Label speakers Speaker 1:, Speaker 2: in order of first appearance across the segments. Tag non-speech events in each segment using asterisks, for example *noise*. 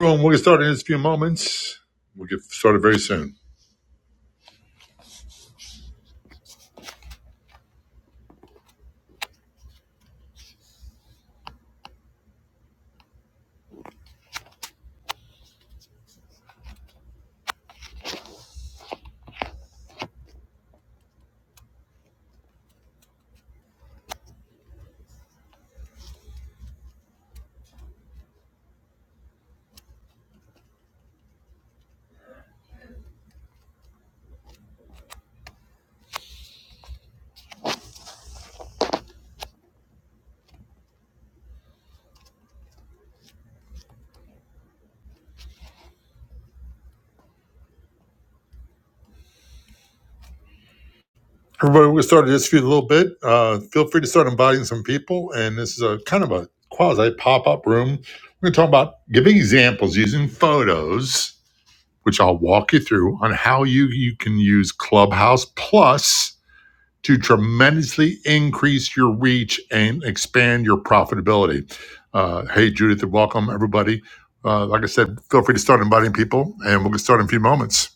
Speaker 1: Well, we'll get started in just a few moments. We'll get started very soon. Everybody, we'll get started in just a few- in a little bit. Uh, feel free to start inviting some people. And this is a kind of a quasi pop up room. We're going to talk about giving examples using photos, which I'll walk you through on how you, you can use Clubhouse Plus to tremendously increase your reach and expand your profitability. Uh, hey, Judith, and welcome everybody. Uh, like I said, feel free to start inviting people, and we'll get started in a few moments.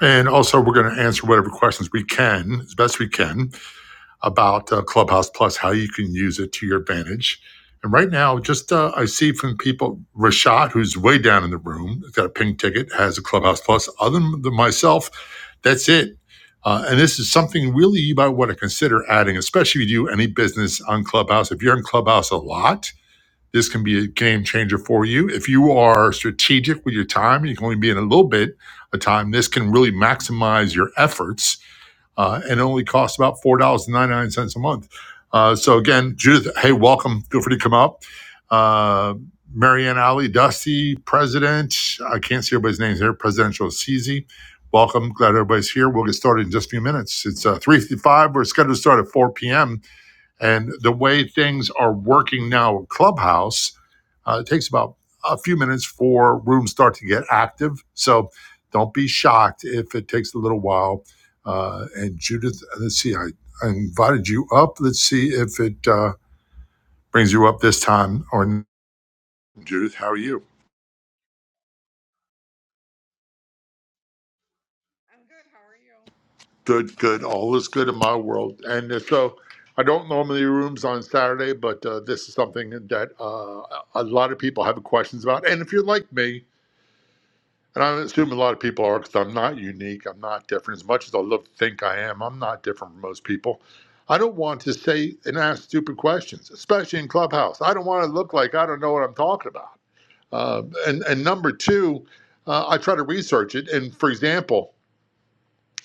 Speaker 1: And also, we're going to answer whatever questions we can, as best we can, about uh, Clubhouse Plus, how you can use it to your advantage. And right now, just uh, I see from people, Rashad, who's way down in the room, got a pink ticket, has a Clubhouse Plus. Other than myself, that's it. Uh, and this is something really you might want to consider adding, especially if you do any business on Clubhouse. If you're in Clubhouse a lot, this can be a game changer for you. If you are strategic with your time, you can only be in a little bit of time. This can really maximize your efforts uh, and only costs about $4.99 a month. Uh, so, again, Judith, hey, welcome. Feel free to come up. Uh, Marianne Alley, Dusty, President. I can't see everybody's names here. Presidential CZ. Welcome. Glad everybody's here. We'll get started in just a few minutes. It's uh, 3.55. We're scheduled to start at 4 p.m. And the way things are working now at Clubhouse, uh, it takes about a few minutes for rooms start to get active. So don't be shocked if it takes a little while. Uh, and Judith, let's see, I, I invited you up. Let's see if it uh, brings you up this time or n- Judith, how are you?
Speaker 2: I'm good. How are you?
Speaker 1: Good, good. All is good in my world. And uh, so I don't normally do rooms on Saturday, but uh, this is something that uh, a lot of people have questions about. And if you're like me, And I assume a lot of people are because I'm not unique. I'm not different. As much as I love to think I am, I'm not different from most people. I don't want to say and ask stupid questions, especially in Clubhouse. I don't want to look like I don't know what I'm talking about. Uh, and, and number two, uh, I try to research it. And for example,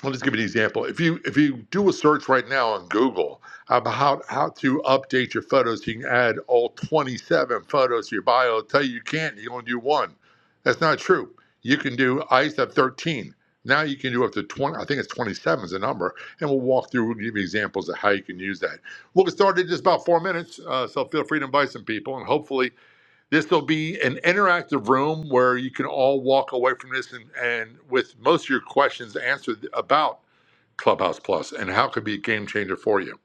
Speaker 1: I'll just give you an example. If you if you do a search right now on Google about how, how to update your photos, you can add all 27 photos to your bio. It'll tell you you can't. You only do one. That's not true. You can do. I used to have 13. Now you can do up to 20. I think it's 27 is the number. And we'll walk through. We'll give you examples of how you can use that. We'll get started in just about four minutes. Uh, so feel free to invite some people, and hopefully this will be an interactive room where you can all walk away from this and, and with most of your questions answered about Clubhouse Plus and how it could be a game changer for you.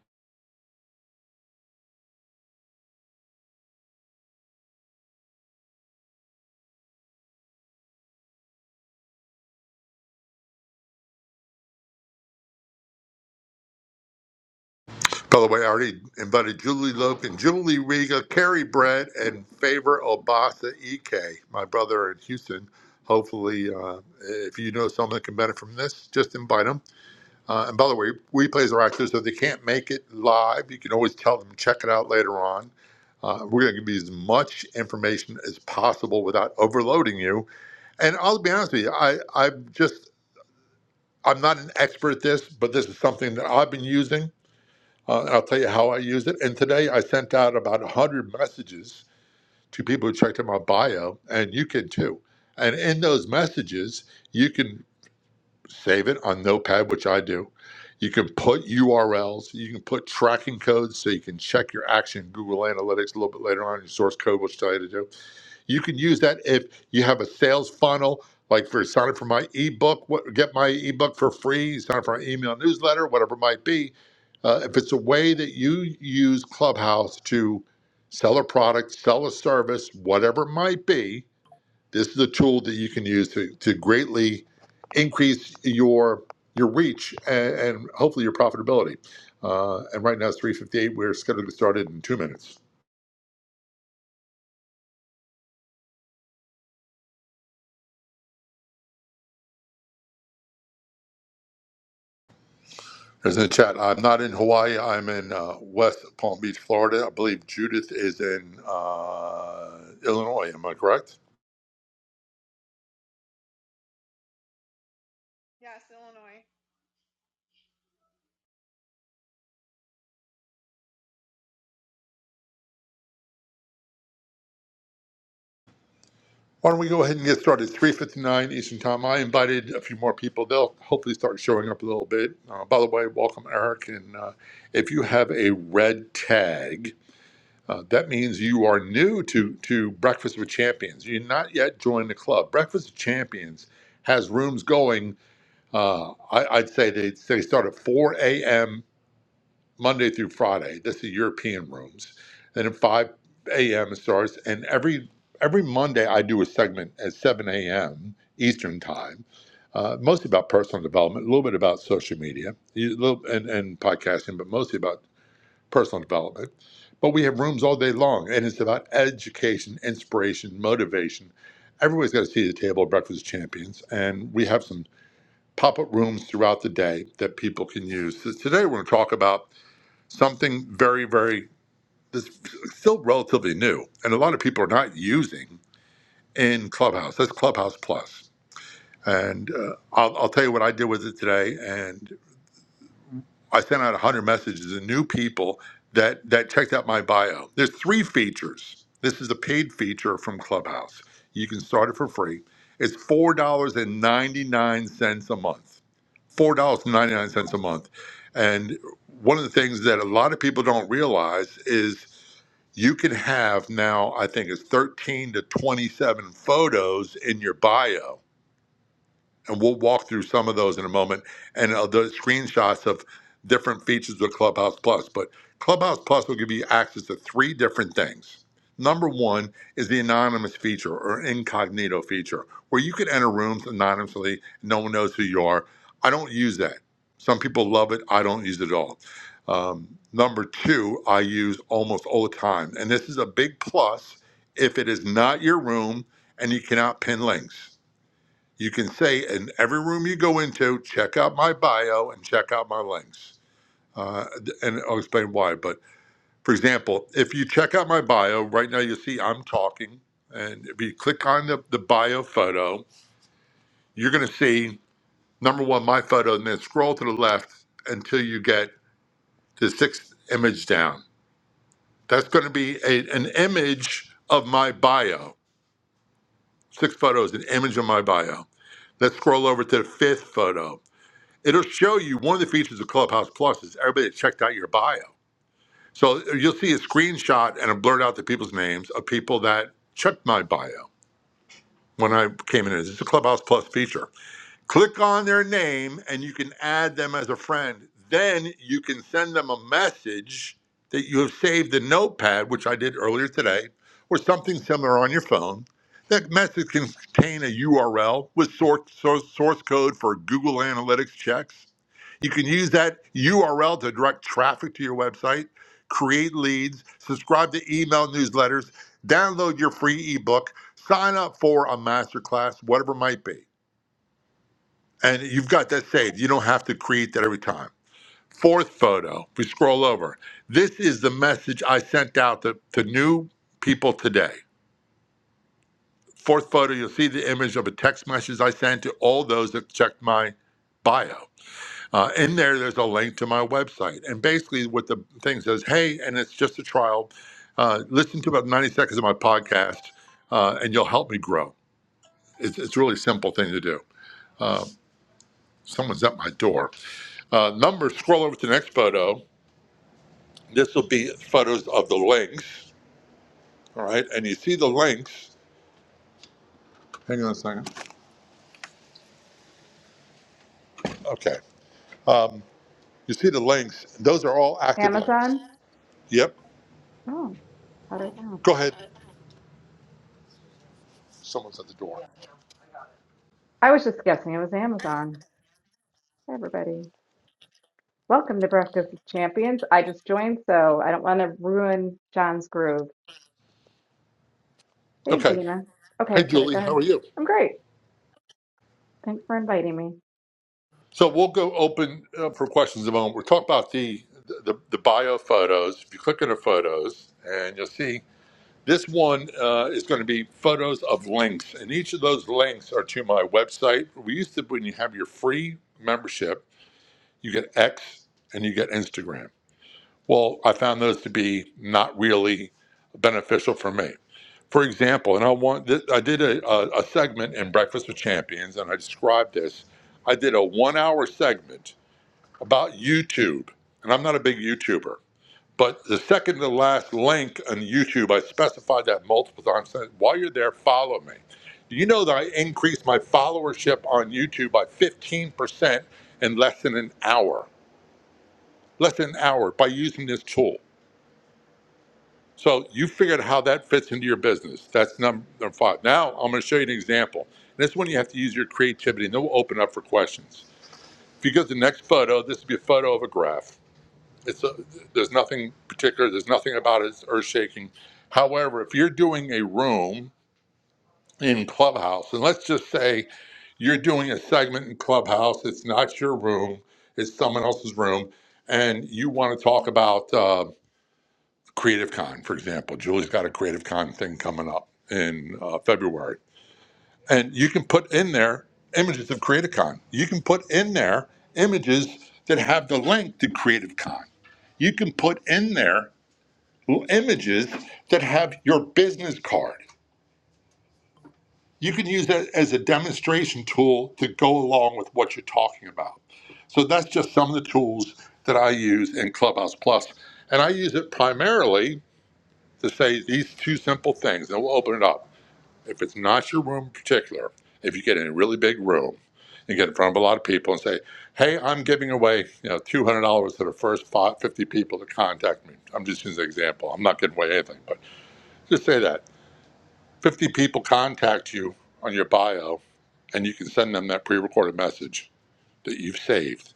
Speaker 1: By the way, I already invited Julie Loke and Julie Riga, Carrie Brett, and Favor Obasa EK, my brother in Houston. Hopefully, uh, if you know someone that can benefit from this, just invite them. Uh, and by the way, replays are active, so if they can't make it live, you can always tell them check it out later on. Uh, we're going to give you as much information as possible without overloading you. And I'll be honest with you, I, I've just I'm not an expert at this, but this is something that I've been using. Uh, and I'll tell you how I use it. And today I sent out about 100 messages to people who checked out my bio, and you can too. And in those messages, you can save it on Notepad, which I do. You can put URLs, you can put tracking codes so you can check your action in Google Analytics a little bit later on, your source code, which will tell you to do you can use that if you have a sales funnel, like for sign up for my ebook, what, get my ebook for free, sign up for my email newsletter, whatever it might be. Uh, if it's a way that you use Clubhouse to sell a product, sell a service, whatever it might be, this is a tool that you can use to, to greatly increase your your reach and, and hopefully your profitability. Uh, and right now it's 358. We're scheduled to start it in two minutes. There's in the chat. I'm not in Hawaii. I'm in uh, West Palm Beach, Florida. I believe Judith is in uh, Illinois. Am I correct?
Speaker 2: Yes, Illinois.
Speaker 1: Why don't we go ahead and get started? 3:59 Eastern Time. I invited a few more people. They'll hopefully start showing up a little bit. Uh, by the way, welcome Eric. And uh, if you have a red tag, uh, that means you are new to to Breakfast with Champions. You're not yet joined the club. Breakfast with Champions has rooms going. Uh, I, I'd say they, they start at 4 a.m. Monday through Friday. This is European rooms. Then at 5 a.m. it starts, and every every Monday I do a segment at 7 a.m. Eastern time, uh, mostly about personal development, a little bit about social media, a little and, and podcasting, but mostly about personal development. But we have rooms all day long, and it's about education, inspiration, motivation. Everybody's got to see the table of Breakfast Champions, and we have some pop-up rooms throughout the day that people can use. So today we're going to talk about something very, very that's still relatively new, and a lot of people are not using in Clubhouse. That's Clubhouse Plus. And uh, I'll, I'll tell you what I did with it today, And. I sent out 100 messages to new people that that checked out my bio. There's three features. This is a paid feature from Clubhouse. You can start it for free. It's four dollars and ninety nine cents a month. Four dollars and ninety nine cents a month. And one of the things that a lot of people don't realize is you can have now. I think it's thirteen to twenty seven photos in your bio and we'll walk through some of those in a moment and uh, the screenshots of different features of Clubhouse Plus. But Clubhouse Plus will give you access to three different things. Number one is the anonymous feature or incognito feature, where you can enter rooms anonymously. No one knows who you are. I don't use that. Some people love it. I don't use it at all. Um, number two, I use almost all the time. And this is a big plus if it is not your room and you cannot pin links. You can say in every room you go into, check out my bio and check out my links. Uh, and I'll explain why. But for example, if you check out my bio, right now you'll see I'm talking. And if you click on the, the bio photo, you're going to see number one, my photo, and then scroll to the left until you get the sixth image down. That's going to be a, an image of my bio. Six photos, an image of my bio. Let's scroll over to the fifth photo it'll show you one of the features of Clubhouse Plus is everybody that checked out your bio. So uh, you'll see a screenshot and a blurt out the people's names of people that checked my bio when I came in. It's a Clubhouse Plus feature. Click on their name and you can add them as a friend. Then you can send them a message that you have saved in Notepad, which I did earlier today, or something similar on your phone. That message can contain a URL with source, source, source code for Google Analytics checks. You can use that URL to direct traffic to your website, create leads, subscribe to email newsletters, download your free ebook, sign up for a masterclass, whatever it might be and you've got that saved. You don't have to create that every time. Fourth photo, we scroll over. This is the message I sent out to, to new people today. Fourth photo, you'll see the image of a text message I sent to all those that checked my bio. Uh, in there, there's a link to my website. And basically, what the thing says, hey, and it's just a trial, uh, listen to about 90 seconds of my podcast, uh, and you'll help me grow. It's, it's a really simple thing to do. Uh, someone's at my door. uh, number, scroll over to the next photo. This will be photos of the links, all right? And you see the links. Hang on a second. Okay. Um, you see the links. Those are all active links.
Speaker 3: Amazon?
Speaker 1: Yep.
Speaker 3: Oh, how did I know?
Speaker 1: Go ahead. Someone's at the door.
Speaker 3: I was just guessing it was Amazon. Hey, everybody. Welcome to Breakfast with Champions. I just joined, so I don't want to ruin John's groove. Hey,
Speaker 1: Okay.
Speaker 3: Dina.
Speaker 1: Hey,
Speaker 3: Okay, sorry, go
Speaker 1: Julie, how
Speaker 3: ahead.
Speaker 1: are you?
Speaker 3: I'm great. Thanks for inviting me.
Speaker 1: So we'll go open uh, for questions in a moment. We're talking about the, the the bio photos. If you click on the photos, and you'll see This one uh, is going to be photos of links, and each of those links are to my website. We used to, when you have your free membership, you get X and you get Instagram. Well, I found those to be not really beneficial for me. For example, and I want th- I did a, a, a segment in Breakfast with Champions, and I described this. I did a one-hour segment about YouTube, and I'm not a big YouTuber. But the second to last link on YouTube, I specified that multiple times. Said, While you're there, follow me. Do you know that I increased my followership on YouTube by 15% in less than an hour? Less than an hour by using this tool. So you figured out how that fits into your business. That's number five. Now I'm going to show you an example. And this one you have to use your creativity, and then we'll open up for questions. If you go to the next photo, this would be a photo of a graph. It's a, there's nothing particular. There's nothing about it that's earth shaking. However, if you're doing a room in Clubhouse, and let's just say you're doing a segment in Clubhouse, it's not your room, it's someone else's room, and you want to talk about uh, Creative Con, for example. Julie's got a Creative Con thing coming up in uh, February, and you can put in there images of Creative Con. You can put in there images that have the link to Creative Con. You can put in there images that have your business card. You can use that as a demonstration tool to go along with what you're talking about. So that's just some of the tools that I use in Clubhouse Plus, and I use it primarily to say these two simple things, and we'll open it up. If it's not your room in particular, if you get in a really big room and get in front of a lot of people and say, "Hey, I'm giving away you know two hundred dollars to the first fi- fifty people to contact me," I'm just using an example. I'm not giving away anything, but just say that 50 people contact you on your bio and you can send them that pre-recorded message that you've saved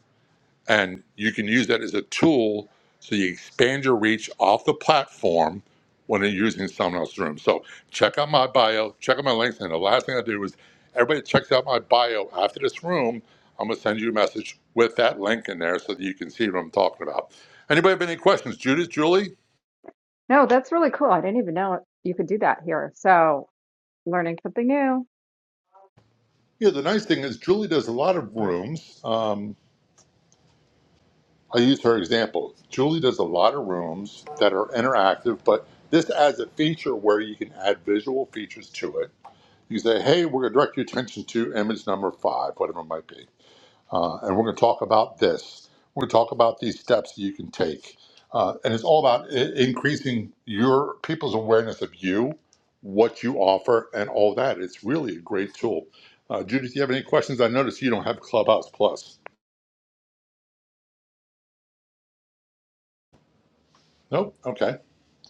Speaker 1: and you can use that as a tool so you expand your reach off the platform when you're using someone else's room so check out my bio check out my links and the last thing i do is everybody checks out my bio after this room i'm going to send you a message with that link in there so that you can see what i'm talking about anybody have any questions judith julie
Speaker 3: No, that's really cool. I didn't even know you could do that here. So, learning something new.
Speaker 1: yeah the nice thing is julie does a lot of rooms Um, I use her example. Julie does a lot of rooms that are interactive, but this adds a feature where you can add visual features to it. You say, hey, we're going to direct your attention to image number five, whatever it might be. Uh, and we're going to talk about this. We're going to talk about these steps that you can take. Uh, and it's all about I- increasing your people's awareness of you, what you offer, and all that. It's really a great tool. Uh, Judith, do you have any questions? I noticed you don't have Clubhouse Plus. Nope. Okay.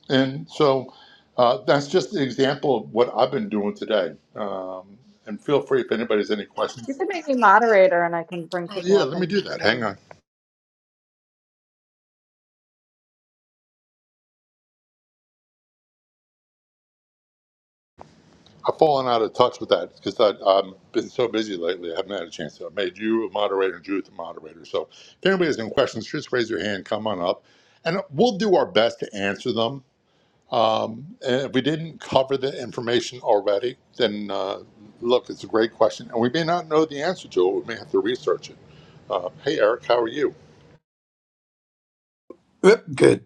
Speaker 1: And so uh, that's just an example of what I've been doing today. Um, and feel free if anybody has any
Speaker 3: You
Speaker 1: questions.
Speaker 3: could make me moderator and I can bring
Speaker 1: Oh,
Speaker 3: people
Speaker 1: yeah,
Speaker 3: up
Speaker 1: let me
Speaker 3: and
Speaker 1: do
Speaker 3: help
Speaker 1: that.
Speaker 3: you
Speaker 1: Hang
Speaker 3: out.
Speaker 1: on. I've fallen out of touch with that because I've been so busy lately. I haven't had a chance to. I made you a moderator and Judith a moderator. So if anybody has any questions, just raise your hand, come on up, and we'll do our best to answer them. Um, and if we didn't cover the information already, then uh, look, it's a great question. And we may not know the answer to it. We may have to research it. Uh, hey, Eric, how are you?
Speaker 4: Yep, Good.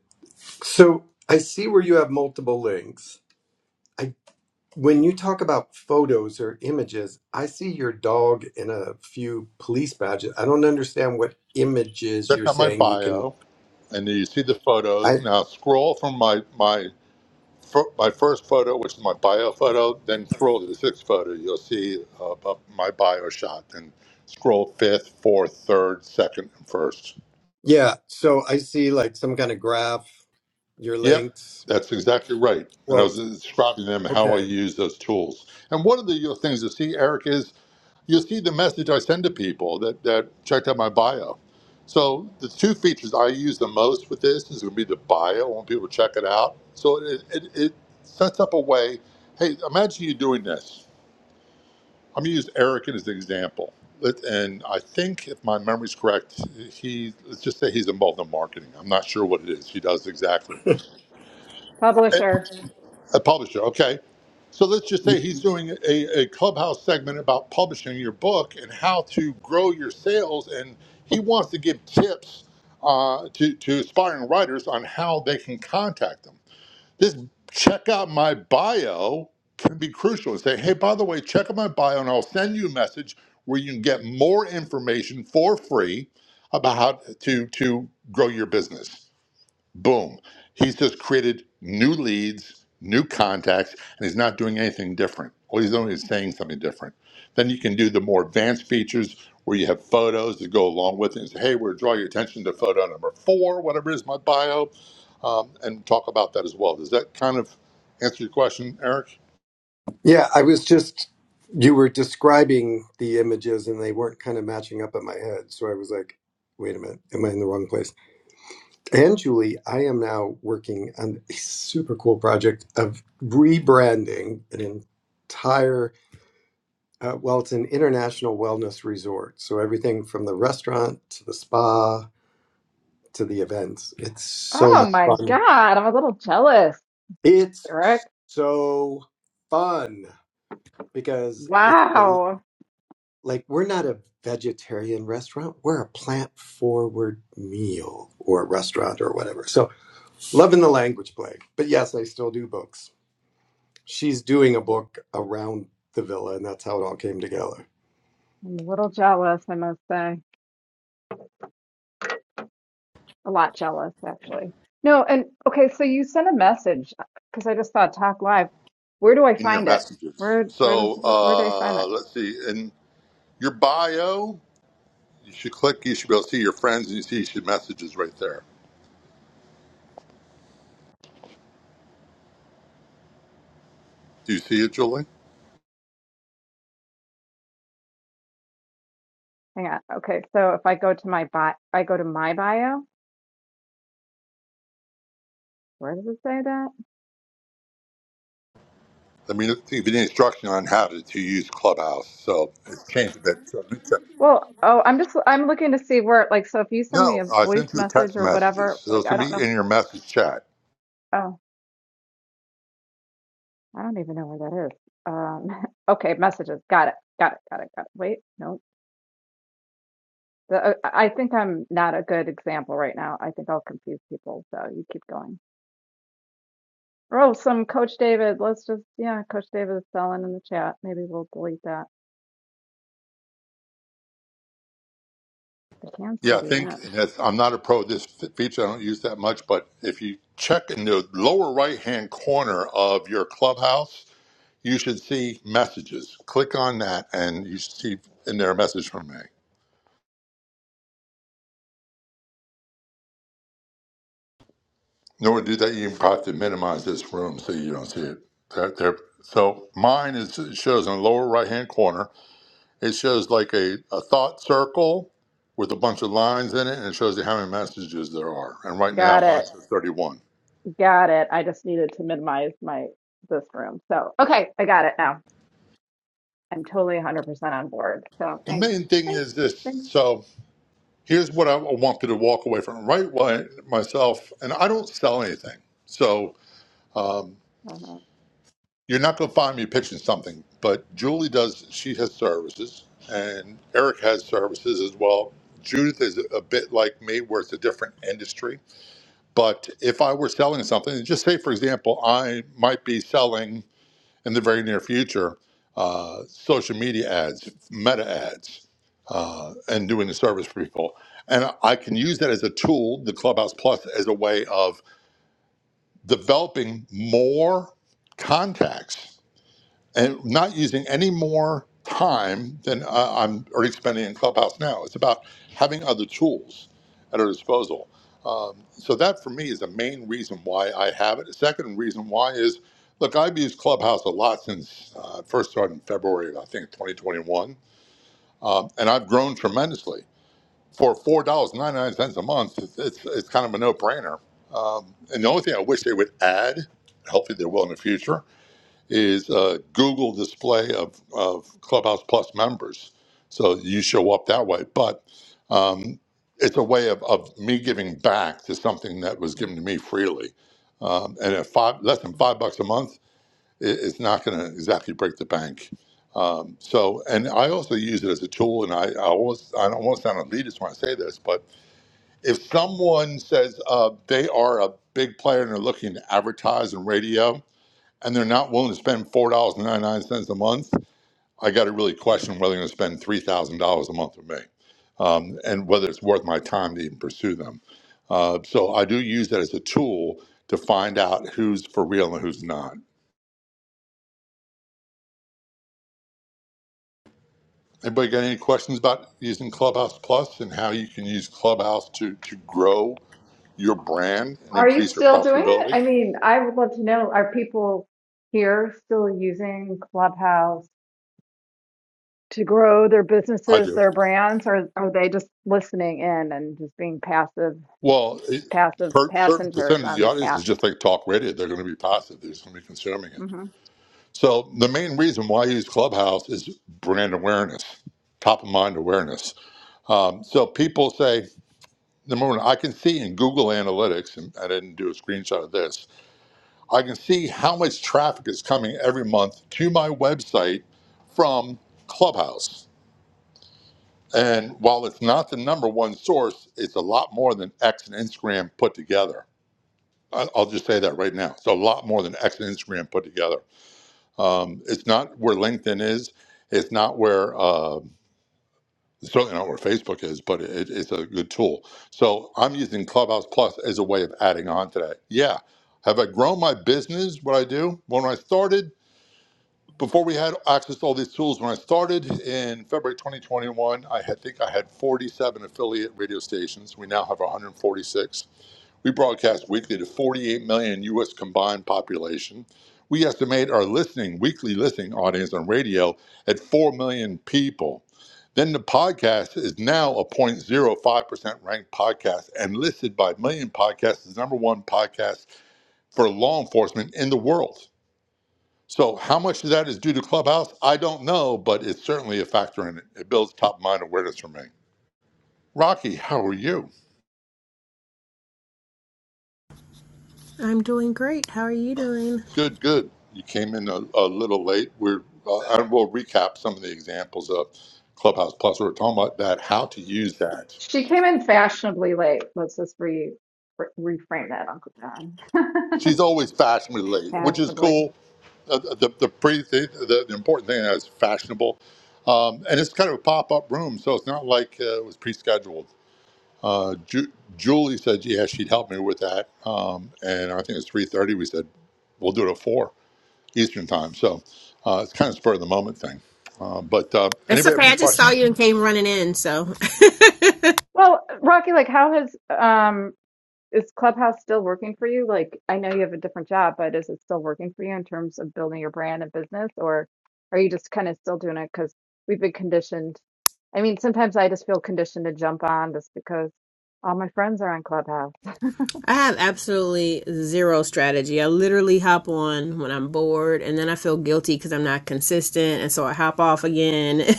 Speaker 4: So I see where you have multiple links. I when you talk about photos or images, I see your dog in a few police badges. I don't understand what images
Speaker 1: check
Speaker 4: you're
Speaker 1: out my
Speaker 4: saying you can.
Speaker 1: bio, and then you see the
Speaker 4: I
Speaker 1: photos. Now scroll from my my fir- my first photo, which is my bio photo, then scroll to the sixth photo. You'll see uh, bu- my bio shot, and scroll fifth, fourth, third, second, and first.
Speaker 4: yeah. So I see like some kind of graph. Your
Speaker 1: Yep,
Speaker 4: links.
Speaker 1: that's exactly right. And I
Speaker 4: Well,
Speaker 1: was describing them how I
Speaker 4: okay.
Speaker 1: use those tools. And one of the uh, things you see, Eric, is you'll see the message I send to people that, that checked out my bio. So the two features I use the most with this is going to be the bio I want people to check it out. So it, it, it sets up a way. Hey, imagine you doing this. I'm going to use Eric as an example. Let- And I think if my memory's correct, he let's just say he's involved in marketing. I'm not sure what it is he does exactly.
Speaker 3: Publisher.
Speaker 1: A publisher, okay. So let's just say he's doing a, a clubhouse segment about publishing your book and how to grow your sales, and he wants to give tips uh, to, to aspiring writers on how they can contact them. This check out my bio can be crucial and say, hey, by the way, check out my bio, and I'll send you a message where you can get more information for free about how to, to grow your business. Boom. He's just created new leads, new contacts, and he's not doing anything different. All he's doing is saying something different. Then you can do the more advanced features where you have photos that go along with it and say, hey, we're draw your attention to photo number four, whatever it is, my bio, um, and talk about that as well. Does that kind of answer your question, Eric?
Speaker 4: Yeah, I was just you were describing the images and they weren't kind of matching up in my head, so I was like, wait a minute, am I in the wrong place? and Julie, I am now working on a super cool project of rebranding an entire, uh, well, it's an international wellness resort. So everything from the restaurant to the spa to the events. It's so
Speaker 3: Oh
Speaker 4: much
Speaker 3: my
Speaker 4: fun.
Speaker 3: God, I'm a little jealous,
Speaker 4: It's
Speaker 3: Eric.
Speaker 4: so fun because it's the-
Speaker 3: Wow.
Speaker 4: like we're not a vegetarian restaurant, we're a plant forward meal or restaurant or whatever. So loving the language play. But yes, I still do books. she's doing a book around the villa, and that's how it all came together.
Speaker 3: I'm a little jealous, I must say. a lot jealous actually. No, and okay, so you sent a message because I just saw talk live. Where do I
Speaker 1: In your
Speaker 3: find it?
Speaker 1: messages.
Speaker 3: Where where does
Speaker 1: So
Speaker 3: where do I find
Speaker 1: uh,
Speaker 3: that?
Speaker 1: let's see. In your bio, you should click, you should be able to see your friends and you see you should messages right there. Do you see it, Julie?
Speaker 3: Hang on. Okay, so if I go to my bio, I go to my bio. Where does it say that?
Speaker 1: Let me give you the instruction on how to, to use Clubhouse. So it's changed a bit. So let me check.
Speaker 3: Well, oh, I'm just I'm looking to see where like so if you send me
Speaker 1: No,
Speaker 3: a
Speaker 1: I
Speaker 3: voice
Speaker 1: sent you
Speaker 3: message
Speaker 1: text
Speaker 3: or
Speaker 1: messages.
Speaker 3: whatever,
Speaker 1: So
Speaker 3: like
Speaker 1: it's
Speaker 3: I
Speaker 1: going to
Speaker 3: don't know.
Speaker 1: be in your message chat.
Speaker 3: Oh, I don't even know where that is. Um, *laughs* okay, messages. Got it. Got it. Got it. Got it. Wait, no. The, uh, I think I'm not a good example right now. I think I'll confuse people. So you keep going. Oh, some Coach David. Let's just, yeah, Coach David is selling in the chat. Maybe we'll delete that. I can
Speaker 1: Yeah,
Speaker 3: still
Speaker 1: I
Speaker 3: do
Speaker 1: think
Speaker 3: that.
Speaker 1: and that's, I'm not a pro of this f- feature. I don't use that much. But if you check in the lower right hand corner of your Clubhouse, you should see messages. Click on that and you should see in there a message from me. In order to do that, you have to minimize this room so you don't see it. There, there, so mine is it shows in the lower right hand corner It shows like a, a thought circle with a bunch of lines in it, and it shows you how many messages there are. And right now,
Speaker 3: Got it.
Speaker 1: mine's at 31.
Speaker 3: Got it. I just needed to minimize my this room. So, okay, I got it now. I'm totally 100% on board. So,
Speaker 1: The
Speaker 3: thanks.
Speaker 1: main thing
Speaker 3: Thanks.
Speaker 1: is this.
Speaker 3: Thanks.
Speaker 1: So here's what I want you to walk away from. Right away, myself, and I don't sell anything. So um,
Speaker 3: Uh-huh.
Speaker 1: you're not going to find me pitching something, but Julie does, she has services, and Eric has services as well. Judith is a bit like me, where it's a different industry But if I were selling something, just say, for example, I might be selling in the very near future uh, social media ads, meta ads, uh, and doing the service for people. And I can use that as a tool, the Clubhouse Plus, as a way of developing more contacts and not using any more time than uh, I'm already spending in Clubhouse now. It's about having other tools at our disposal. Um, so that for me is the main reason why I have it. The second reason why is, look, I've used Clubhouse a lot since uh, first started in February, of, I think, 2021, um, and I've grown tremendously. For four dollars ninety nine cents a month, it's, it's it's kind of a no brainer. Um, and the only thing I wish they would add, hopefully they will in the future, is a Google display of, of Clubhouse Plus members. So you show up that way. But um, it's a way of, of me giving back to something that was given to me freely. Um, and at five, less than five bucks a month, it, it's not going to exactly break the bank. Um, so, and I also use it as a tool, and I, I always, I don't want to sound elitist when I say this, but if someone says uh, they are a big player and they're looking to advertise in radio, and they're not willing to spend four dollars and ninety nine cents a month, I got to really question whether they're going to spend three thousand dollars a month with me, um, and whether it's worth my time to even pursue them. Uh, so I do use that as a tool to find out who's for real and who's not. Anybody got any questions about using Clubhouse Plus and how you can use Clubhouse to to grow your brand and
Speaker 3: Are you
Speaker 1: increase your
Speaker 3: still doing it?
Speaker 1: profitability?
Speaker 3: I mean, I would love to know, are people here still using Clubhouse to grow their
Speaker 1: I
Speaker 3: businesses,
Speaker 1: do.
Speaker 3: their brands, or are they just listening in and just being passive
Speaker 1: Well, it,
Speaker 3: passive
Speaker 1: per certain
Speaker 3: passengers
Speaker 1: percentage of
Speaker 3: on
Speaker 1: the
Speaker 3: the
Speaker 1: audience
Speaker 3: app.
Speaker 1: is just like talk radio; they're going to be passive; they're just going to be consuming it.
Speaker 3: hmm
Speaker 1: So the main reason why I use Clubhouse is brand awareness, top of mind awareness. Um, so people say, number one, I can see in Google Analytics, and I didn't do a screenshot of this. I can see how much traffic is coming every month to my website from Clubhouse. And while it's not the number one source, it's a lot more than X and Instagram put together. I- I'll just say that right now. It's a lot more than X and Instagram put together. Um, it's not where LinkedIn is. It's not where uh, it's certainly not where Facebook is, but it, it's a good tool. So I'm using Clubhouse Plus as a way of adding on to that. Yeah, have I grown my business? What I do when I started before we had access to all these tools. When I started in February 2021, I had, think I had 47 affiliate radio stations. We now have 146. We broadcast weekly to 48 million U.S. combined population. We estimate our listening, weekly listening audience on radio at 4 million people. Then the podcast is now a 0.05% ranked podcast and listed by Million Podcasts as number one podcast for law enforcement in the world. So, how much of that is due to Clubhouse? I don't know, but it's certainly a factor in it. It builds top mind awareness for me. Rocky, how are you?
Speaker 5: I'm doing great. How are you doing?
Speaker 1: Good, good. You came in a, a little late. We're uh, and we'll recap some of the examples of Clubhouse Plus. We're talking about that, how to use that.
Speaker 3: She came in fashionably late. Let's just re, re- reframe that, Uncle John.
Speaker 1: She's always fashionably
Speaker 3: *laughs*
Speaker 1: late, which is
Speaker 3: fashionably.
Speaker 1: cool. Uh, the the pretty thing, the, the important thing is fashionable, um, and it's kind of a pop up room, so it's not like uh, it was pre scheduled. Uh, Ju- Julie said, yeah, she'd help me with that, um, and I think it's three thirty. We said we'll do it at four Eastern time. So uh, it's kind of spur of the moment thing. Uh, but uh,
Speaker 5: It's
Speaker 1: anybody have
Speaker 5: okay.
Speaker 1: any
Speaker 5: I just saw
Speaker 1: questions?
Speaker 5: you and came running in, so *laughs*
Speaker 3: Well, Rocky, like, how has um is Clubhouse still working for you? Like, I know you have a different job, but is it still working for you in terms of building your brand and business, or are you just kind of still doing it because we've been conditioned? I mean, sometimes I just feel conditioned to jump on just because all my friends are on Clubhouse.
Speaker 5: I have absolutely zero strategy. I literally hop on when I'm bored and then I feel guilty because I'm not consistent. And so I hop off again. *laughs*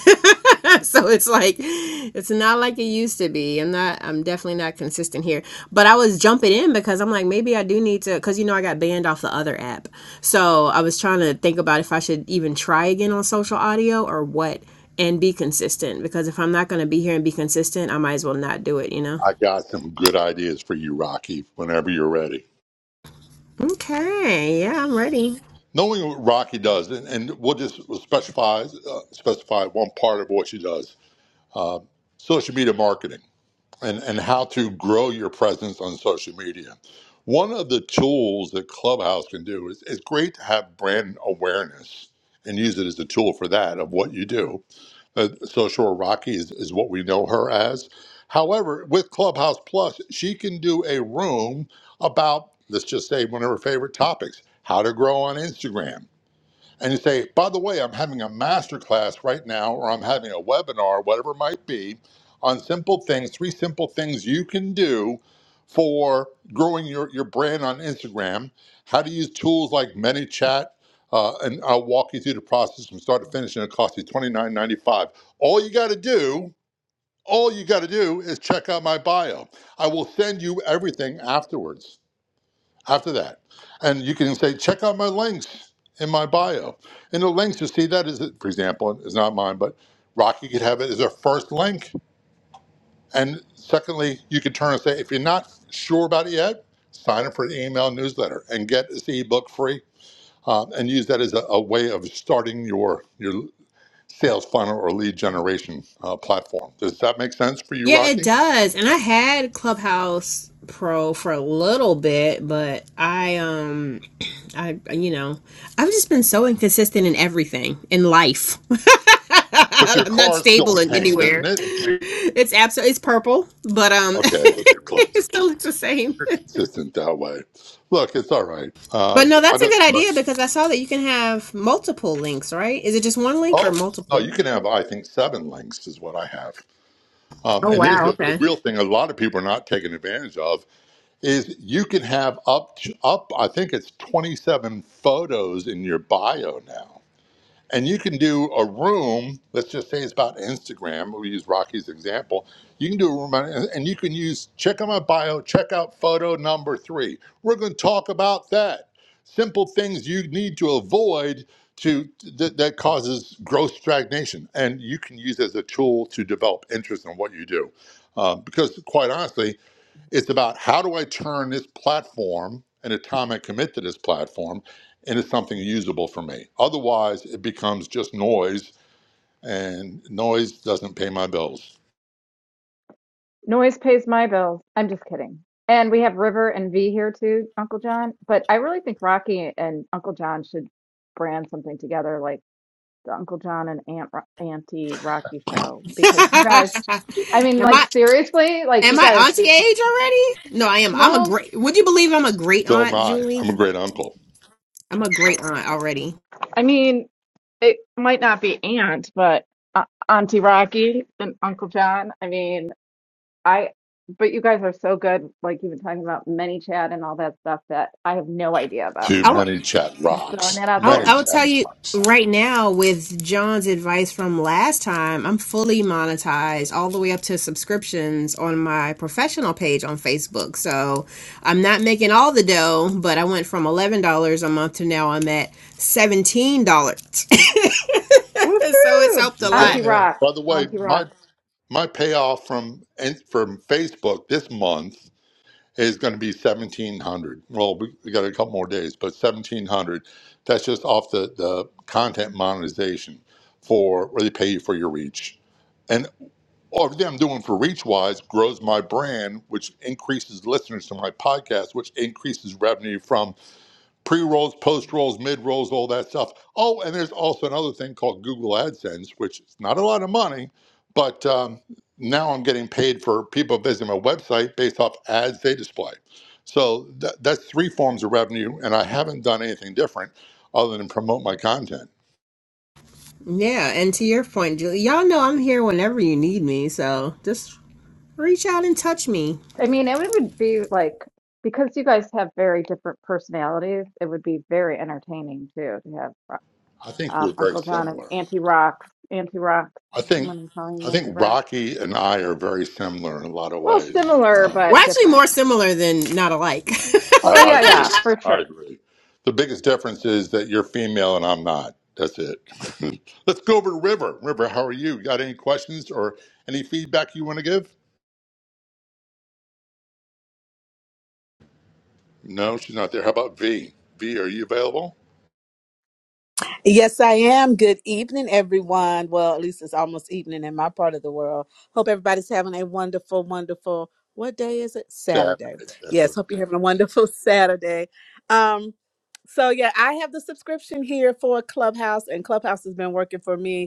Speaker 5: so it's like, it's not like it used to be. I'm not, I'm definitely not consistent here. But I was jumping in because I'm like, maybe I do need to, because you know, I got banned off the other app. So I was trying to think about if I should even try again on social audio or what and be consistent because if I'm not going to be here and be consistent, I might as well not do it, you know?
Speaker 1: I got some good ideas for you, Rocky, whenever you're ready.
Speaker 5: Okay. Yeah, I'm ready.
Speaker 1: Knowing what Rocky does, and, and we'll just specify, uh, specify one part of what she does social media marketing and, and how to grow your presence on social media. One of the tools that Clubhouse can do is it's great to have brand awareness and use it as a tool for that of what you do uh, Social Rocky is, is what we know her as. However, with Clubhouse Plus, she can do a room about, let's just say, one of her favorite topics how to grow on Instagram and you say, by the way, I'm having a master class right now, or I'm having a webinar, whatever it might be, on simple things, three simple things you can do for growing your, your brand on Instagram, how to use tools like ManyChat, uh, and I'll walk you through the process from start to finish, and it costs you $29.95. All you got to do, all you got to do is check out my bio. I will send you everything afterwards after that. And you can say, check out my links in my bio. And the links you see that is, for example, is not mine, but Rocky could have it as a first link. And secondly, you could turn and say, if you're not sure about it yet, sign up for an email newsletter and get this ebook free um, and use that as a, a way of starting your, your sales funnel or lead generation uh, platform. Does that make sense for you,
Speaker 5: Yeah, it
Speaker 1: Rocky?
Speaker 5: does. And I had Clubhouse Pro for a little bit, but I um I you know, I've just been so inconsistent in everything in life. *laughs*
Speaker 1: But your
Speaker 5: I'm not
Speaker 1: car is still
Speaker 5: stable in
Speaker 1: pink, isn't
Speaker 5: anywhere.
Speaker 1: it?
Speaker 5: It's absolutely it's purple, but um *laughs*
Speaker 1: Okay, you're close.
Speaker 5: it still looks the same.
Speaker 1: You're consistent that way. Look, it's all right. Uh,
Speaker 5: But no,
Speaker 1: I
Speaker 5: that's a
Speaker 1: don't.
Speaker 5: good idea because I saw that you can have multiple links, right? Is it just one link or
Speaker 1: Oh no,
Speaker 5: multiple?
Speaker 1: you can have. I think seven links is what I have. Um,
Speaker 5: Oh
Speaker 1: and here's
Speaker 5: wow,
Speaker 1: the, the
Speaker 5: okay.
Speaker 1: real thing: a lot of people are not taking advantage of is you can have up to, up. I think it's 27 photos in your bio now. And you can do a room, let's just say it's about Instagram. We use Rocky's example. You can do a room on, and you can use check out my bio, check out photo number three. We're going to talk about that. Simple things you need to avoid to that, that causes growth stagnation. And you can use it as a tool to develop interest in what you do. Uh, because quite honestly, it's about how do I turn this platform and the time I commit to this platform into something usable for me. Otherwise, it becomes just noise, and noise doesn't pay my bills.
Speaker 3: Noise pays my bills. I'm just kidding. And we have River and V here too, Uncle John. But I really think Rocky and Uncle John should brand something together, like the Uncle John and Aunt Ro- Auntie Rocky show, because you
Speaker 5: *laughs*
Speaker 3: guys, I mean,
Speaker 5: am
Speaker 3: like
Speaker 5: I
Speaker 3: seriously, like
Speaker 5: Am
Speaker 3: you
Speaker 5: I
Speaker 3: guys.
Speaker 5: auntie age already? No, I am. I'm a
Speaker 3: Well,
Speaker 5: great. Would you believe I'm a great
Speaker 1: So am
Speaker 5: aunt,
Speaker 1: I.
Speaker 5: Julie?
Speaker 1: I'm a great uncle
Speaker 5: I'm a great aunt already.
Speaker 3: I mean, it might not be Aunt, but uh, Auntie Rocky and Uncle John. I mean, I. But you guys are so good, like you've been talking about many chat and all that stuff that I have no idea about.
Speaker 1: to
Speaker 3: So.
Speaker 5: I'll,
Speaker 1: many chat
Speaker 3: Just throwing that
Speaker 1: rocks.
Speaker 3: out
Speaker 5: I'll
Speaker 1: Many
Speaker 3: there.
Speaker 5: I'll
Speaker 1: chat
Speaker 5: tell you
Speaker 1: rocks.
Speaker 5: right now with John's advice from last time. I'm fully monetized all the way up to subscriptions on my professional page on Facebook. So I'm not making all the dough, but I went from eleven dollars a month to now I'm at seventeen dollars. *laughs* so it's
Speaker 3: Woohoo!
Speaker 5: helped a
Speaker 1: You're
Speaker 5: lot
Speaker 3: Auntie
Speaker 1: getting there.
Speaker 3: Rocks.
Speaker 1: By the way,
Speaker 3: Auntie
Speaker 1: my
Speaker 3: Rocks.
Speaker 1: my payoff from from Facebook this month is going to be 1700 well we we got a couple more days but 1700 that's just off the, the content monetization for where they pay you for your reach and everything i'm doing for reach wise grows my brand which increases listeners to my podcast which increases revenue from pre rolls, post rolls, mid rolls, all that stuff. Oh, and there's also another thing called Google AdSense, which is not a lot of money, but um, now I'm getting paid for people visiting my website based off ads they display. So tha- that's three forms of revenue, and I haven't done anything different other than promote my content.
Speaker 5: Yeah, and to your point, Julie, y'all know I'm here whenever you need me, so just reach out and touch me.
Speaker 3: I mean, it would be like because you guys have very different personalities, it would be very entertaining too to have
Speaker 1: I think
Speaker 3: um,
Speaker 1: we're very
Speaker 3: Uncle John and
Speaker 1: similar.
Speaker 3: Auntie Rocks. Auntie Rocks.
Speaker 1: I
Speaker 3: I'm
Speaker 1: think
Speaker 3: gonna call you
Speaker 1: I
Speaker 3: Auntie
Speaker 1: think
Speaker 3: Rocks.
Speaker 1: Rocky and I are very similar in a lot of
Speaker 3: Well,
Speaker 1: ways.
Speaker 3: similar
Speaker 1: Um,
Speaker 5: We're
Speaker 3: but
Speaker 5: actually
Speaker 3: different.
Speaker 5: more similar than not alike.
Speaker 1: I,
Speaker 3: Well,
Speaker 1: I
Speaker 3: yeah, yeah,
Speaker 1: agree.
Speaker 3: for
Speaker 1: I
Speaker 3: sure.
Speaker 1: agree. The biggest difference is that you're female and I'm not. That's it. *laughs* Let's go over to River. River, how are you? Got any questions or any feedback you want to give? No, she's not there. How about V? V, are you available?
Speaker 6: Yes, I am. Good evening, everyone. Well, at least it's almost evening in my part of the world. Hope everybody's having a wonderful, wonderful, what day is it? Saturday.
Speaker 1: Saturday. That's
Speaker 6: Yes,
Speaker 1: right.
Speaker 6: hope you're having a wonderful *laughs* Saturday. Um, so yeah, I have the subscription here for Clubhouse, and Clubhouse has been working for me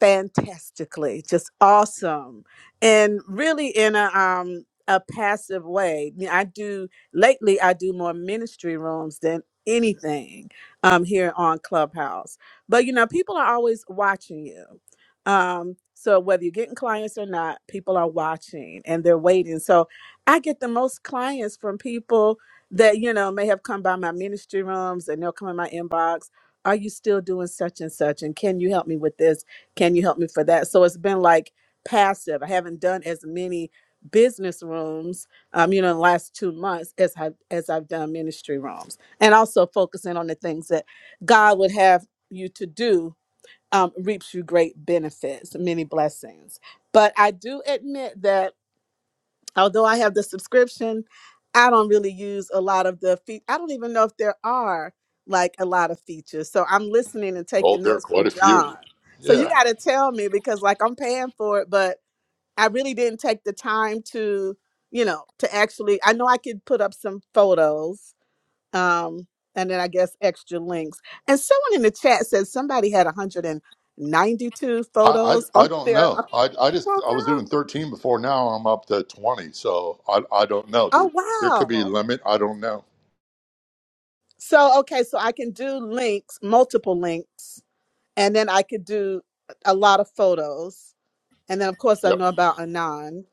Speaker 6: fantastically, just awesome, and really in a um a passive way. You know, I do lately. I do more ministry rooms than anything um here on Clubhouse. But you know, people are always watching you. Um, so whether you're getting clients or not, people are watching and they're waiting. So I get the most clients from people that you know may have come by my ministry rooms and they'll come in my inbox are you still doing such and such and can you help me with this can you help me for that? So it's been like passive. I haven't done as many business rooms, um, you know, in the last two months as I as I've done ministry rooms, and also focusing on the things that God would have you to do um, reaps you great benefits, many blessings. But I do admit that although I have the subscription, I don't really use a lot of the feet. I don't even know if there are like a lot of features. So I'm listening and
Speaker 1: Oh,
Speaker 6: taking
Speaker 1: there are
Speaker 6: notes from
Speaker 1: quite a few.
Speaker 6: John. So you
Speaker 1: Yeah.
Speaker 6: got to tell me because like I'm paying for it, but I really didn't take the time to, you know, to actually. I know I could put up some photos, um, and then I guess extra links. And someone in the chat said somebody had 192
Speaker 1: I,
Speaker 6: photos *laughs*
Speaker 1: I, I
Speaker 6: on
Speaker 1: don't
Speaker 6: their uh,
Speaker 1: know. I, I just I was
Speaker 6: profile.
Speaker 1: doing 13 before. Now I'm up to 20. So I, I don't know.
Speaker 6: Oh
Speaker 1: There, there could be a
Speaker 6: wow!
Speaker 1: limit. I don't know.
Speaker 6: So okay, so I can do links, multiple links, and then I could do a lot of photos. And then of course I
Speaker 1: Yep.
Speaker 6: know about Anon.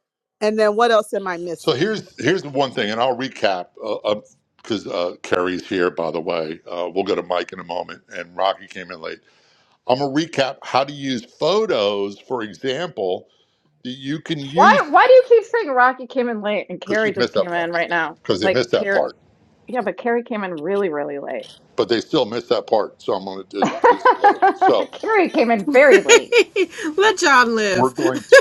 Speaker 6: And then what else am I
Speaker 1: So
Speaker 6: missing?
Speaker 1: here's here's the one thing, and I'll recap because uh, uh, 'cause, uh, Kerry's here, by the way. Uh, we'll go to Mike in a moment, and Rocky came in late. I'm gonna recap how to use photos, for example, that you can
Speaker 3: Why
Speaker 1: use
Speaker 3: why do you keep saying Rocky came in late and
Speaker 1: because she
Speaker 3: Carrie just
Speaker 1: missed that
Speaker 3: came in
Speaker 1: part
Speaker 3: right now?
Speaker 1: because they
Speaker 3: Like
Speaker 1: missed that
Speaker 3: Carrie
Speaker 1: part,
Speaker 3: yeah, but Carrie came in really, really late.
Speaker 1: but they still missed that part. So I'm gonna just display. it.
Speaker 3: *laughs*
Speaker 1: So
Speaker 3: Carrie came in very late.
Speaker 5: *laughs* Let y'all
Speaker 1: we're
Speaker 5: live.
Speaker 1: going to.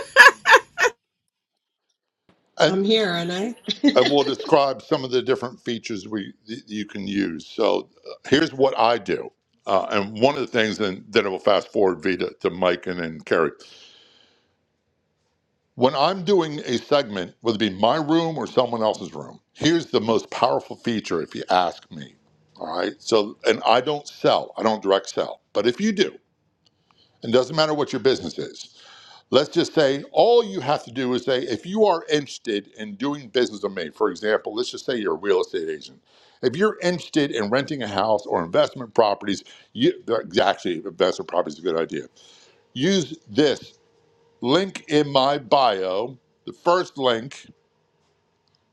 Speaker 1: and.
Speaker 7: I'm here, aren't I?
Speaker 1: And we will describe some of the different features we that you can use. So uh, here's what I do, uh, and one of the things, and then I will fast forward Vita to Mike and then Carrie. When I'm doing a segment, whether it be my room or someone else's room, here's the most powerful feature, if you ask me. All right. So, and I don't sell, I don't direct sell, but if you do, and doesn't matter what your business is, Let's just say all you have to do is say, if you are interested in doing business with me, for example, let's just say you're a real estate agent. If you're interested in renting a house or investment properties, you, actually, investment properties is a good idea. Use this link in my bio, the first link,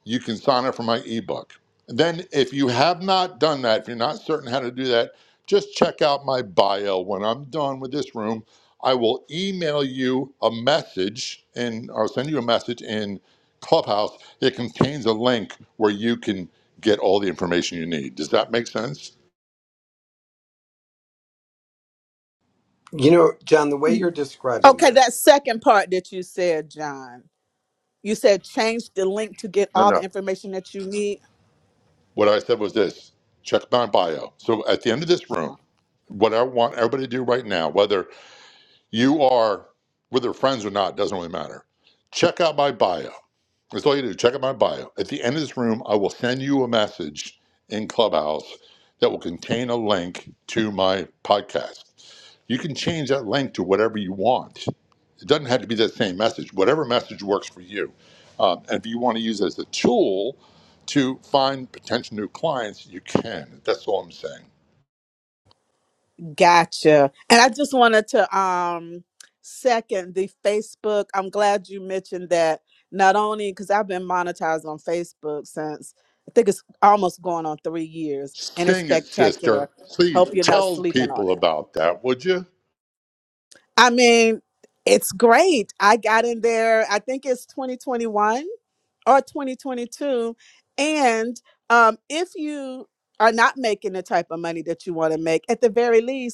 Speaker 1: you can sign up for my ebook. And then, if you have not done that, if you're not certain how to do that, just check out my bio. When I'm done with this room, I will email you a message and I'll send you a message in Clubhouse that contains a link where you can get all the information you need. Does that make sense?
Speaker 4: You know, John, the way you're describing
Speaker 6: Okay,
Speaker 4: it.
Speaker 6: that second part that you said, John. You said change the link to get
Speaker 1: No,
Speaker 6: all the
Speaker 1: no.
Speaker 6: information that you need.
Speaker 1: What I said was this check my bio. So, at the end of this
Speaker 6: Uh-huh.
Speaker 1: room, what I want everybody to do right now, whether You are, whether friends or not, doesn't really matter. Check out my bio. That's all you do. Check out my bio. At the end of this room, I will send you a message in Clubhouse that will contain a link to my podcast. You can change that link to whatever you want. It doesn't have to be that same message, whatever message works for you. Um, and if you want to use it as a tool to find potential new clients, you can. That's all I'm saying.
Speaker 6: Gotcha. And I just wanted to um second the Facebook. I'm glad you mentioned that. Not only because I've been monetized on Facebook since I think it's almost going on three years, and it's
Speaker 1: Sing it, sister.
Speaker 6: spectacular. Hope
Speaker 1: Please
Speaker 6: you're not
Speaker 1: tell
Speaker 6: sleeping on
Speaker 1: people
Speaker 6: it.
Speaker 1: about that, would you?
Speaker 6: I mean, it's great. I got in there. I think it's 2021 or 2022, and um, if you are not making the type of money that you want to make, at the very least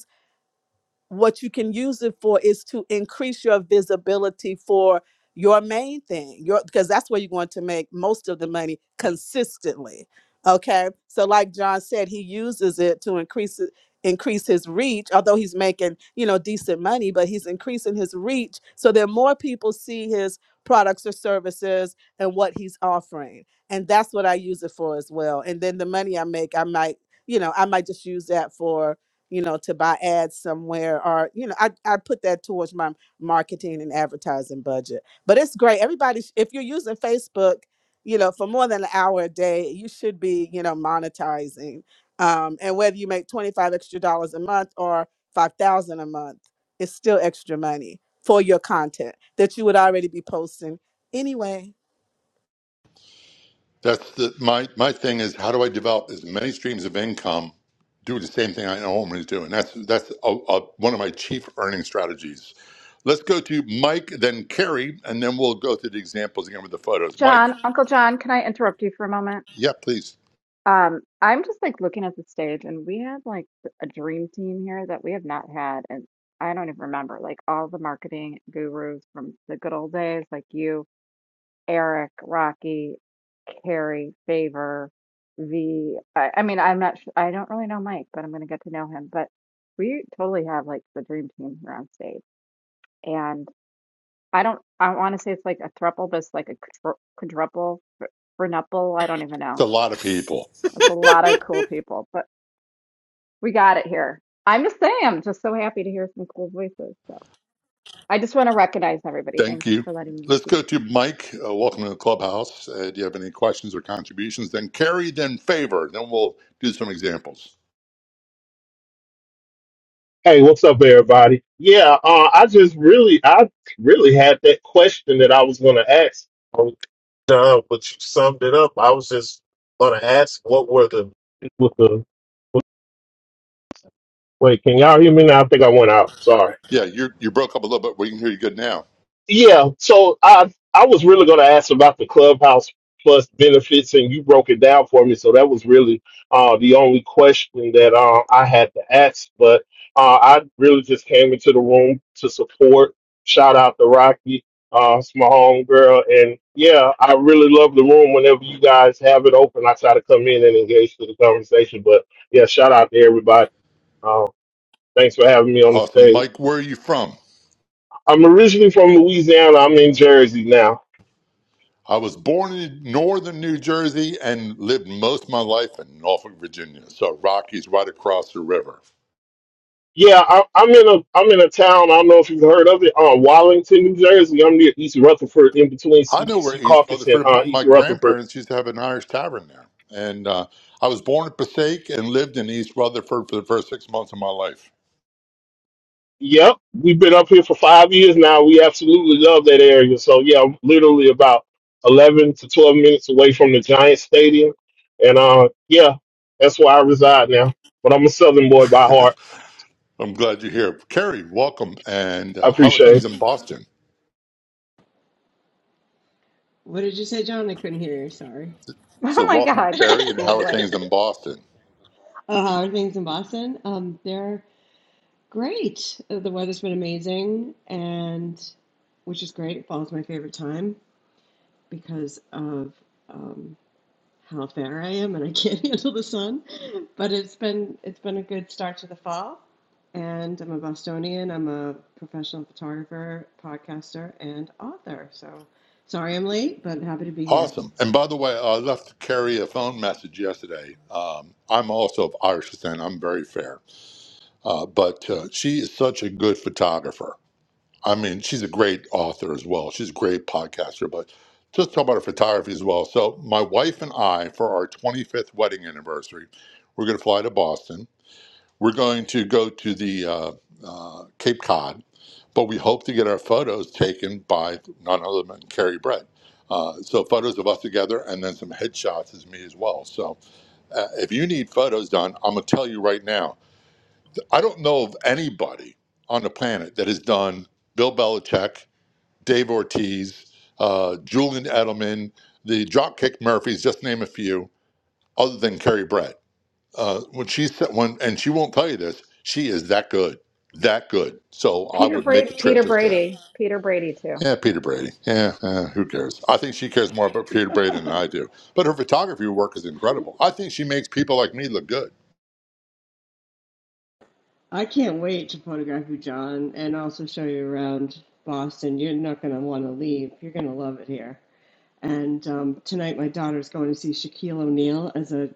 Speaker 6: what you can use it for is to increase your visibility for your main thing your because that's where you're going to make most of the money consistently okay so like john said he uses it to increase it increase his reach although he's making you know decent money but he's increasing his reach so that more people see his products or services and what he's offering and that's what i use it for as well and then the money i make i might you know i might just use that for you know, to buy ads somewhere or, you know, I, I put that towards my marketing and advertising budget. But it's great. Everybody, sh- if you're using Facebook, you know, for more than an hour a day, you should be, you know, monetizing. Um, and whether you make 25 extra dollars a month or 5,000 a month, it's still extra money for your content that you would already be posting anyway.
Speaker 1: That's the, my my thing is how do I develop as many streams of income, do the same thing I know Omen is doing. That's that's a, a, one of my chief earning strategies. Let's go to Mike, then Carrie, and then we'll go through the examples again with the photos. Mike,
Speaker 3: John, Uncle John, can I interrupt you for a moment?
Speaker 1: yeah, please.
Speaker 3: Um, I'm just like looking at the stage, and we had like a dream team here that we have not had, and I don't even remember like all the marketing gurus from the good old days, like you, Eric, Rocky, Carrie, Favor, V. I, I mean, I'm not sure, I don't really know Mike, but I'm gonna get to know him. But we totally have like the dream team here on stage, I don't. I want to say it's like a thruple, but it's like a quadru- quadruple, fr- frenuple. I don't even
Speaker 1: It's
Speaker 3: know.
Speaker 1: a lot of people.
Speaker 3: It's a lot of cool people, but we got it here. I'm just saying, I'm just so happy to hear some cool voices. So I just want to recognize everybody.
Speaker 1: Thank
Speaker 3: Thanks
Speaker 1: you.
Speaker 3: for letting me
Speaker 1: Let's
Speaker 3: speak.
Speaker 1: go
Speaker 3: *laughs*
Speaker 1: to Mike. Uh, welcome to the clubhouse. Uh, do you have any questions or contributions? Then Carrie, then Favor. Then we'll do some examples.
Speaker 8: Hey, what's up, everybody? Yeah, uh, I just really, I really had that question that I was going to ask. Um, John, but you summed it up. I was just going to ask, what were the, what the? Wait, can y'all hear me now? I think I went out. Sorry.
Speaker 1: Yeah, you you broke up a little bit. We can hear you good now.
Speaker 8: Yeah, so I I was really going to ask about the clubhouse plus benefits, and you broke it down for me. So that was really uh, the only question that uh, I had to ask. But uh, I really just came into the room to support. Shout out to Rocky, uh, it's my homegirl, and yeah, I really love the room. Whenever you guys have it open, I try to come in and engage to the conversation. But yeah, shout out to everybody. Uh, thanks for having me on the
Speaker 1: Awesome,
Speaker 8: stage.
Speaker 1: Mike. Where are you from?
Speaker 8: I'm originally from Louisiana. I'm in Jersey now.
Speaker 1: I was born in northern New Jersey and lived most of my life in Norfolk, Virginia. So Rockies right across the river.
Speaker 8: Yeah, I, I'm in a I'm in a town. I don't know if you've heard of it. Uh, Wallington, New Jersey. I'm near East Rutherford, in between
Speaker 1: I
Speaker 8: Se-
Speaker 1: know where East
Speaker 8: Secaucus and
Speaker 1: Rutherford.
Speaker 8: uh,
Speaker 1: My, my
Speaker 8: East Rutherford.
Speaker 1: grandparents used to have an Irish tavern there, and uh, I was born in Passaic and lived in East Rutherford for the first six months of my life.
Speaker 8: Yep, we've been up here for five years now. We absolutely love that area. So yeah, I'm literally about eleven to twelve minutes away from the Giant Stadium, and uh, yeah, that's where I reside now. But I'm a Southern boy by
Speaker 1: *laughs*
Speaker 8: heart.
Speaker 1: I'm glad you're here, Carrie. Welcome, and
Speaker 8: I
Speaker 1: uh, how are
Speaker 8: appreciate it.
Speaker 1: things in Boston?
Speaker 7: What did you say, John? I couldn't hear you. Sorry.
Speaker 1: So
Speaker 3: Oh my
Speaker 1: welcome,
Speaker 3: God,
Speaker 7: *laughs*
Speaker 1: Carrie, and
Speaker 3: she's
Speaker 1: how are
Speaker 3: late.
Speaker 1: things in Boston?
Speaker 7: Oh, how are things in Boston? Um, they're great. Uh, The weather's been amazing, and which is great. Fall's my favorite time because of um, how fair I am, and I can't *laughs* handle the sun. But it's been it's been a good start to the fall. And I'm a Bostonian. I'm a professional photographer, podcaster, and author. So sorry I'm late, but happy to be here.
Speaker 1: Awesome. And by the way, I left Carrie a phone message yesterday. Um, I'm also of Irish descent. I'm very fair. Uh, but uh, she is such a good photographer. I mean, she's a great author as well. She's a great podcaster, but just talk about her photography as well. So, my wife and I, for our 25th wedding anniversary, we're going to fly to Boston we're going to go to the uh, uh, Cape Cod, but we hope to get our photos taken by none other than Carrie Brett. Uh, so photos of us together, and then some headshots is me as well. So uh, if you need photos done, I'm gonna tell you right now. I don't know of anybody on the planet that has done Bill Belichick, Dave Ortiz, uh, Julian Edelman, the Dropkick Murphys, just to name a few, other than Carrie Brett uh, when she said when and she won't tell you this, she is that good, that good. So I
Speaker 3: Peter
Speaker 1: would make
Speaker 3: Brady,
Speaker 1: a trip
Speaker 3: Peter
Speaker 1: just that.
Speaker 3: Brady, Peter Brady too.
Speaker 1: Yeah, Peter Brady. Yeah, uh, who cares? I think she cares more about Peter Brady than I do. But her photography work is incredible. I think she makes people like me look good.
Speaker 7: I can't wait to photograph you, John, and also show you around Boston. You're not going to want to leave. You're going to love it here. And um, tonight, my daughter's going to see Shaquille O'Neal as a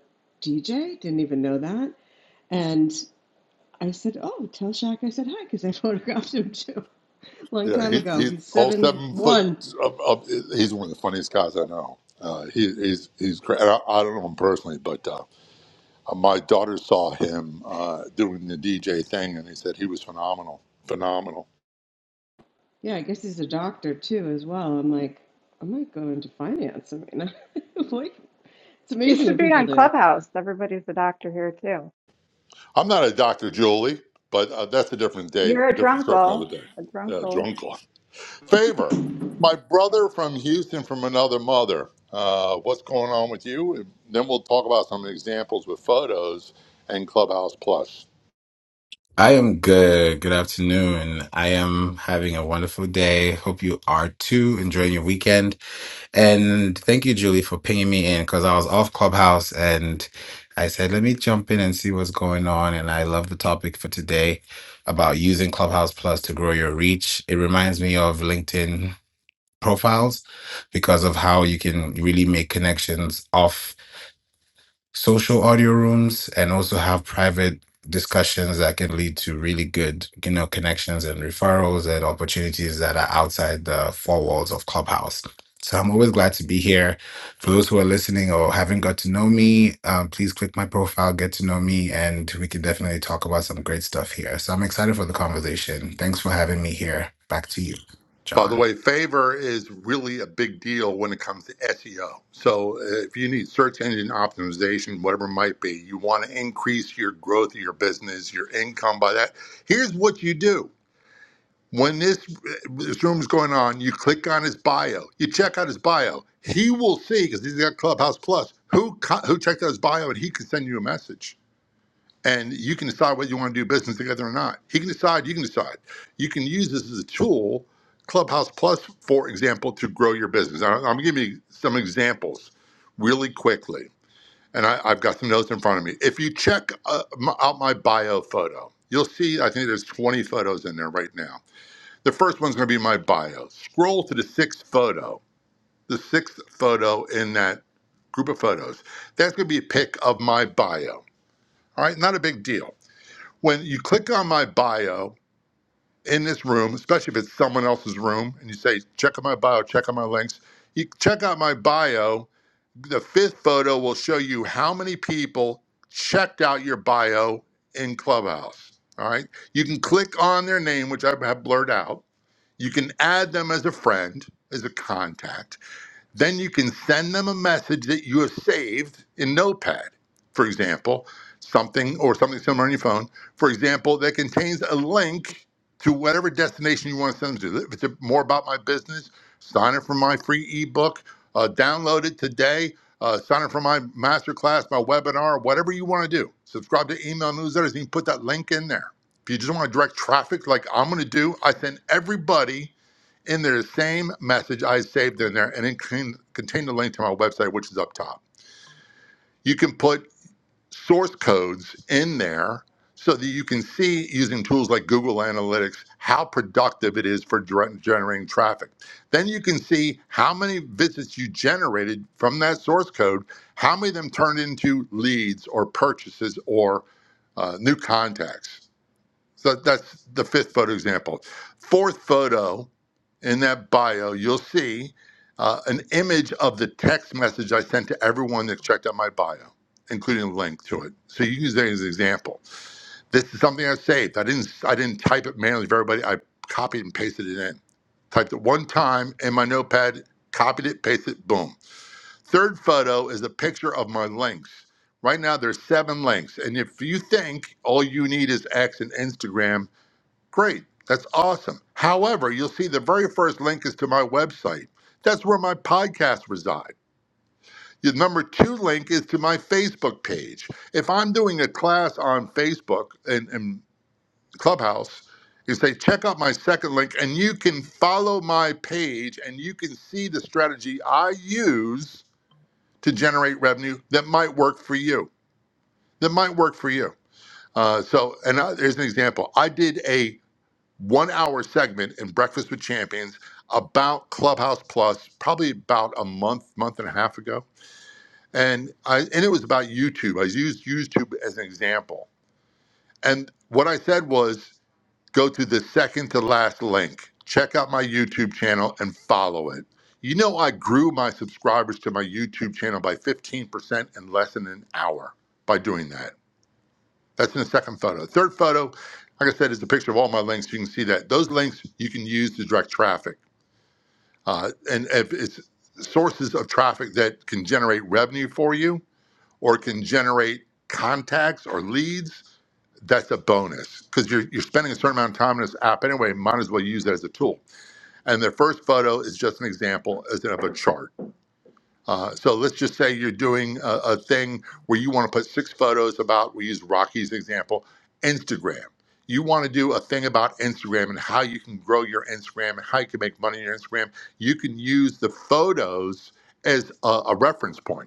Speaker 7: DJ. Didn't even know that. And I said, "Oh, tell Shaq I said hi because I *laughs* photographed him too, *laughs* long
Speaker 1: Yeah,
Speaker 7: time
Speaker 1: he,
Speaker 7: ago.
Speaker 1: he's
Speaker 7: He's
Speaker 1: all
Speaker 7: seven
Speaker 1: seven foot.
Speaker 7: one.
Speaker 1: Of, of, he's one of the funniest guys I know. Uh, he, he's he's great. And I, I don't know him personally, but uh, uh, my daughter saw him uh, doing the DJ thing, and he said he was phenomenal, phenomenal.
Speaker 7: Yeah, I guess he's a doctor too as well. I'm like, I might go into finance. I mean, *laughs* like, it's
Speaker 3: You
Speaker 7: amazing
Speaker 3: should
Speaker 7: what
Speaker 3: be
Speaker 7: people
Speaker 3: on
Speaker 7: do.
Speaker 3: Clubhouse. Everybody's a doctor here too.
Speaker 1: I'm not a Dr. Julie, but uh, that's a different day,
Speaker 3: You're a
Speaker 1: different story, another
Speaker 3: drunkle,
Speaker 1: day.
Speaker 3: a
Speaker 1: Uh,
Speaker 3: drunkle,
Speaker 1: drunk on. Favor, my brother from Houston from another mother. Uh, what's going on with you? And then we'll talk about some examples with photos and Clubhouse Plus.
Speaker 9: I am good. Good afternoon. I am having a wonderful day. Hope you are too. Enjoying your weekend. And thank you, Julie, for pinging me in because I was off Clubhouse and I said, let me jump in and see what's going on. And I love the topic for today about using Clubhouse Plus to grow your reach. It reminds me of LinkedIn profiles because of how you can really make connections off social audio rooms and also have private discussions that can lead to really good you know connections and referrals and opportunities that are outside the four walls of clubhouse so i'm always glad to be here for those who are listening or haven't got to know me um, please click my profile get to know me and we can definitely talk about some great stuff here so i'm excited for the conversation thanks for having me here back to you
Speaker 1: By the
Speaker 9: john
Speaker 1: way, favor is really a big deal when it comes to SEO. So uh, if you need search engine optimization, whatever it might be, you want to increase your growth of your business, your income by that. Here's what you do. When this, this room is going on, you click on his bio. You check out his bio. He will see because he's got Clubhouse Plus. Who co- who checked out his bio, and he can send you a message. And you can decide whether you want to do business together or not. He can decide. You can decide. You can use this as a tool, Clubhouse Plus, for example, to grow your business. I- I'm giving you some examples really quickly, and I, I've got some notes in front of me. If you check uh, m out my bio photo, you'll see. I think there's 20 photos in there right now the first one's going to be my bio. Scroll to the sixth photo, the sixth photo in that group of photos. That's going to be a pic of my bio. All right, not a big deal. When you click on my bio in this room, especially if it's someone else's room, and you say, check out my bio, check out my links, you check out my bio. The fifth photo will show you how many people checked out your bio in Clubhouse. All right, you can click on their name, which I have blurred out you can add them as a friend, as a contact. Then you can send them a message that you have saved in Notepad, for example, something or something similar on your phone, for example, that contains a link to whatever destination you want to send them to. If it's more about my business, sign up for my free ebook, uh, download it today, uh, sign up for my masterclass, my webinar, whatever you want to do. Subscribe to email newsletters and you can put that link in there. If you just want to direct traffic like I'm going to do, I send everybody in their same message I saved in there, and it can contain the link to my website, which is up top. You can put source codes in there so that you can see using tools like Google Analytics how productive it is for dire- generating traffic. Then you can see how many visits you generated from that source code, how many of them turned into leads or purchases or uh, new contacts. So that's the fifth photo example. Fourth photo in that bio, you'll see uh, an image of the text message I sent to everyone that checked out my bio, including a link to it. So you can use that as an example. This is something I saved. I didn't I didn't type it manually for everybody. I copied and pasted it in. Typed it one time in my notepad, copied it, pasted it, boom. Third photo is a picture of my links. Right now there's seven links. And if you think all you need is X and Instagram, Great. That's awesome. However, you'll see the very first link is to my website. That's where my podcasts reside. The number two link is to my Facebook page. If I'm doing a class on Facebook and, and Clubhouse, you say, check out my second link, and you can follow my page and you can see the strategy I use to generate revenue that might work for you. That might work for you. Uh, so, and uh, there's an example. I did a one hour segment in Breakfast with Champions about Clubhouse Plus, probably about a month, month and a half ago. And I and it was about YouTube. I used YouTube as an example. And what I said was go to the second to last link, check out my YouTube channel and follow it. You know, I grew my subscribers to my YouTube channel by 15% in less than an hour by doing that. That's in the second photo. Third photo, like I said, is the picture of all my links. You can see that. Those links you can use to direct traffic. Uh, and if it's sources of traffic that can generate revenue for you or can generate contacts or leads, that's a bonus because you're, you're spending a certain amount of time in this app anyway. Might as well use that as a tool. And the first photo is just an example as of a chart. Uh, so let's just say you're doing a, a thing where you want to put six photos about, we use Rocky's example, Instagram. You want to do a thing about Instagram and how you can grow your Instagram and how you can make money on your Instagram. You can use the photos as a, a reference point.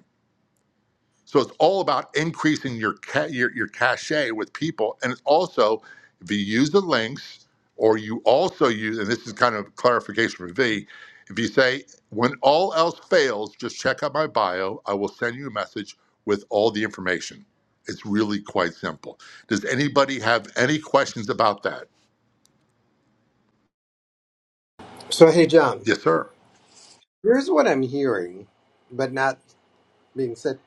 Speaker 1: So it's all about increasing your ca- your, your cachet with people, and it's also if you use the links, or you also use, and this is kind of clarification for V. If you say when all else fails, just check out my bio. I will send you a message with all the information. It's really quite simple. Does anybody have any questions about that?
Speaker 4: So, hey, John,
Speaker 1: Yes, sir.
Speaker 4: here's what I'm hearing, but not being said.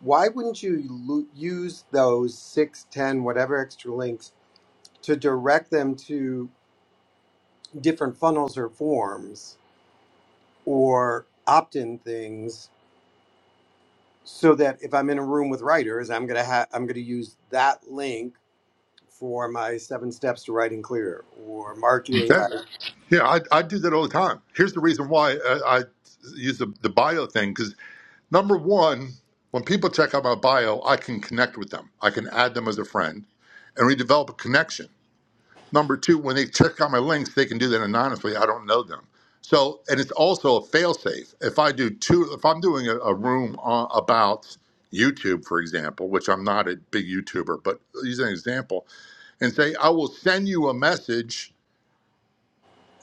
Speaker 4: Why wouldn't you lo- use those six, ten, whatever extra links to direct them to different funnels or forms or opt-in things, so that if I'm in a room with writers, I'm gonna have I'm gonna use that link for my seven steps to writing clear or marketing
Speaker 1: That, yeah, I, I do that all the time. Here's the reason why uh, I use the, the bio thing because. Number one, when people check out my bio, I can connect with them. I can add them as a friend, and we develop a connection. Number two, when they check out my links, they can do that anonymously. I don't know them. So, and it's also a fail-safe. If I do two, if I'm doing a, a room on, about YouTube, for example, which I'm not a big YouTuber, but use an example, and say I will send you a message,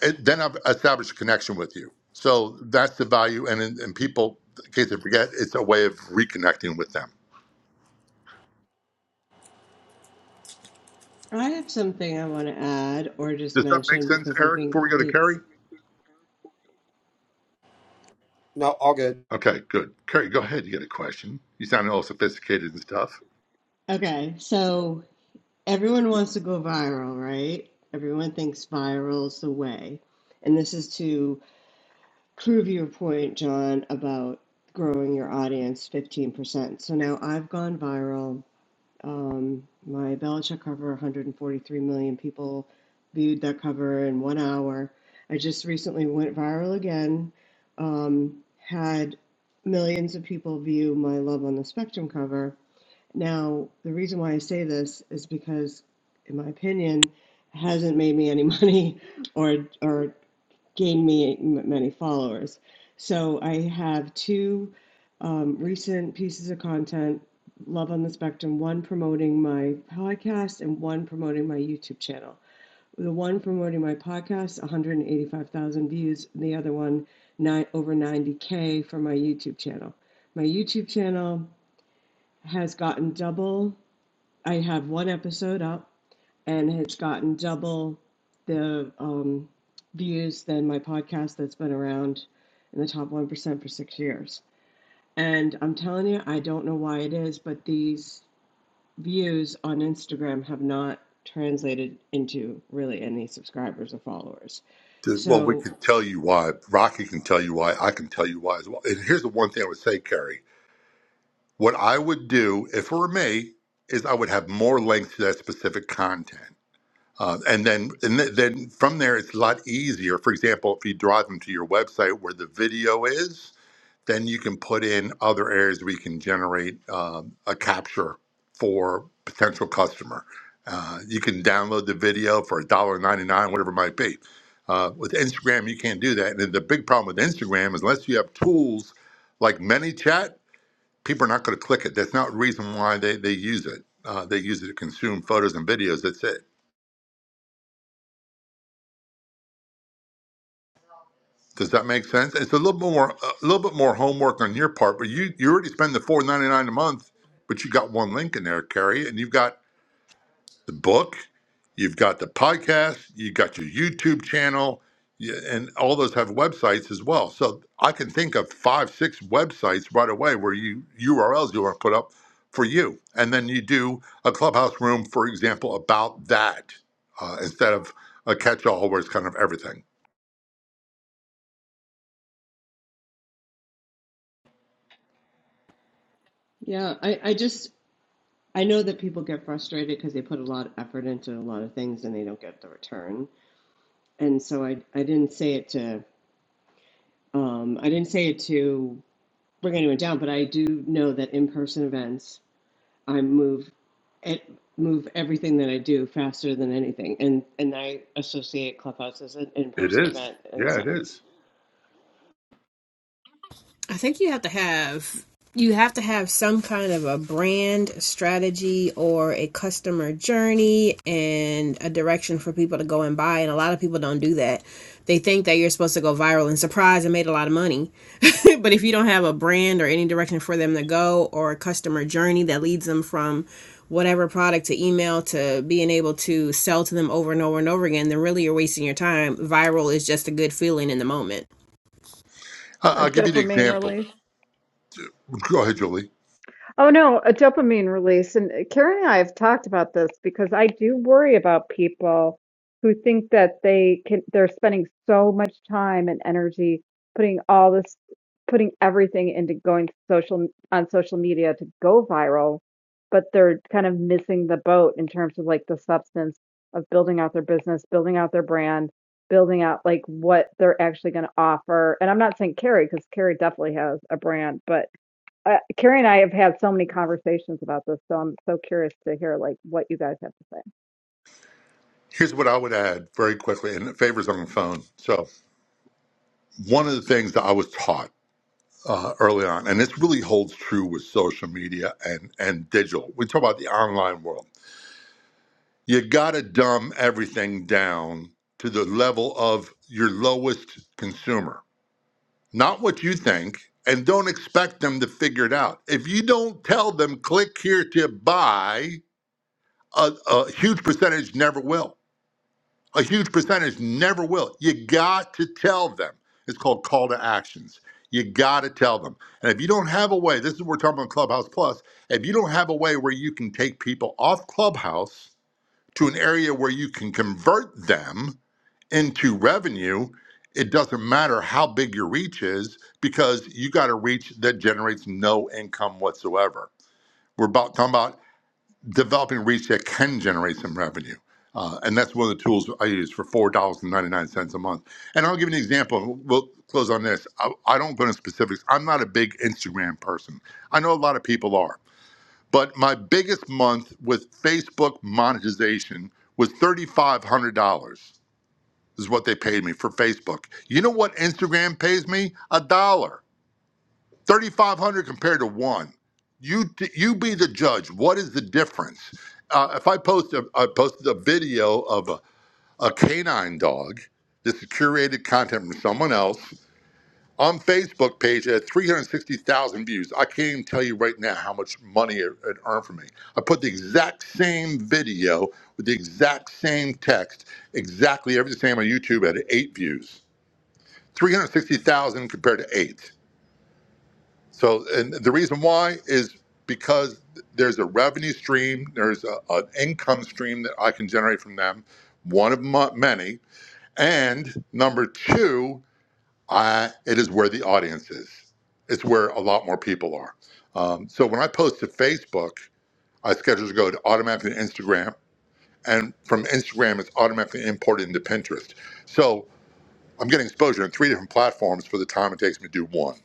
Speaker 1: and then I've established a connection with you. So that's the value, and and people, in case they forget, it's a way of reconnecting with them.
Speaker 7: I have something I want to add or just
Speaker 1: Does that make
Speaker 7: mention
Speaker 1: sense,
Speaker 7: because I
Speaker 1: Eric, before
Speaker 7: think
Speaker 1: we go to Kerry?
Speaker 7: it's
Speaker 4: No, all good.
Speaker 1: Okay, good. Kerry, go ahead. You got a question. You sound all sophisticated and stuff.
Speaker 7: okay. So everyone wants to go viral, right? Everyone thinks viral's the way. And this is to prove your point, John, about growing your audience 15%. So now I've gone viral Um, my Belichick cover, 143 million people viewed that cover in one hour. I just recently went viral again. Um, had millions of people view my Love on the Spectrum cover. Now, the reason why I say this is because, in my opinion, it hasn't made me any *laughs* money or or gained me m- many followers. So I have two um, recent pieces of content, Love on the Spectrum, one promoting my podcast and one promoting my YouTube channel. The one promoting my podcast, 185,000 views. The other one, nine, over 90K for my YouTube channel. My YouTube channel has gotten double. I have one episode up and has gotten double the um, views than my podcast that's been around in the top 1% for six years. And I'm telling you, I don't know why it is, but these views on Instagram have not translated into really any subscribers or followers.
Speaker 1: Dude, Well, we can
Speaker 7: So,
Speaker 1: tell you why. Rocky can tell you why. I can tell you why as well. And here's the one thing I would say, Kerry. What I would do, if it were me, is I would have more links to that specific content. Uh, and then, and th- then from there, it's a lot easier. For example, if you drive them to your website where the video is, then you can put in other areas where you can generate um, a capture for potential customer. Uh, you can download the video for a dollar ninety nine, whatever it might be. Uh, with Instagram, you can't do that. And the big problem with Instagram is unless you have tools like ManyChat, people are not going to click it. That's not the reason why they, they use it. Uh, they use it to consume photos and videos. That's it. Does that make sense? It's a little more, a little bit more homework on your part, but you you already spend the four ninety nine a month, but you got one link in there, Carrie, and you've got the book, you've got the podcast, you've got your YouTube channel, y- and all those have websites as well. So I can think of five, six websites right away where you URLs you want to put up for you, and then you do a clubhouse room, for example, about that uh, instead of a catch all where it's kind of everything.
Speaker 7: yeah, I, I just, I know that people get frustrated because they put a lot of effort into a lot of things and they don't get the return. And so I, I didn't say it to, um, I didn't say it to we're going to do it down, but I do know that in-person events, I move it move everything that I do faster than anything, and and I associate Clubhouse as an
Speaker 1: It
Speaker 7: in-person
Speaker 1: is,
Speaker 7: event in a
Speaker 1: yeah, it
Speaker 7: sense.
Speaker 1: is.
Speaker 5: I think you have to have you have to have some kind of a brand strategy or a customer journey and a direction for people to go and buy and a lot of people don't do that they think that you're supposed to go viral and surprise and made a lot of money *laughs* but if you don't have a brand or any direction for them to go or a customer journey that leads them from whatever product to email to being able to sell to them over and over and over again then really you're wasting your time viral is just a good feeling in the moment
Speaker 1: I-
Speaker 3: a
Speaker 1: I'll give you the
Speaker 3: dopamine
Speaker 1: example.
Speaker 3: release.
Speaker 1: Go ahead, Julie.
Speaker 3: Oh no, a dopamine release. And Karen and I have talked about this because I do worry about people who think that they can, they're spending so much time and energy putting all this, putting everything into going social on social media to go viral, but they're kind of missing the boat in terms of like the substance of building out their business, building out their brand, building out like what they're actually going to offer. And I'm not saying Carrie, because Carrie definitely has a brand, but uh, Carrie and I have had so many conversations about this, so I'm so curious to hear like what you guys have to say.
Speaker 1: Here's what I would add very quickly, and favors on the phone. So, one of the things that I was taught uh, early on, and this really holds true with social media and, and digital, we talk about the online world. You got to dumb everything down to the level of your lowest consumer, not what you think, and don't expect them to figure it out. If you don't tell them, click here to buy, a, a huge percentage never will A huge percentage never will. You got to tell them. It's called call to actions. You got to tell them. And if you don't have a way, this is what we're talking about Clubhouse Plus. If you don't have a way where you can take people off Clubhouse to an area where you can convert them into revenue, it doesn't matter how big your reach is because you got a reach that generates no income whatsoever. We're about talking about developing reach that can generate some revenue. Uh, and that's one of the tools I use for $4.99 a month. And I'll give you an example. We'll close on this. I, I don't go into specifics. I'm not a big Instagram person. I know a lot of people are. But my biggest month with Facebook monetization was $3,500 is what they paid me for Facebook. You know what Instagram pays me? A dollar. 3,500 compared to one. You you be the judge. What is the difference? Uh, if I post a, I posted a video of a, a canine dog, this is curated content from someone else on Facebook page at 360,000 views. I can't even tell you right now how much money it, it earned for me. I put the exact same video with the exact same text, exactly everything the same on YouTube at eight views. 360,000 compared to eight. So, and the reason why is because there's a revenue stream, there's a, an income stream that I can generate from them, one of my, many. And number two, I, it is where the audience is. It's where a lot more people are. Um, so when I post to Facebook, I schedule to go to automatically to Instagram, and from Instagram, it's automatically imported into Pinterest. So I'm getting exposure on three different platforms for the time it takes me to do one.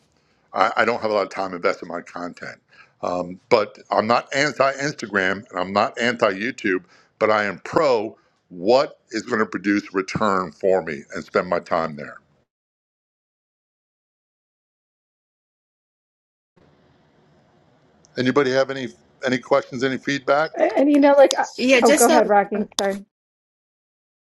Speaker 1: I, I don't have a lot of time invested in my content. Um, but I'm not anti Instagram and I'm not anti YouTube, but I am pro what is going to produce return for me and spend my time there. Anybody have any any questions, any
Speaker 3: And,
Speaker 1: feedback?
Speaker 3: and, you know, like I,
Speaker 5: Yeah,
Speaker 3: Oh, go
Speaker 5: just a
Speaker 3: ahead, Rocky. Sorry.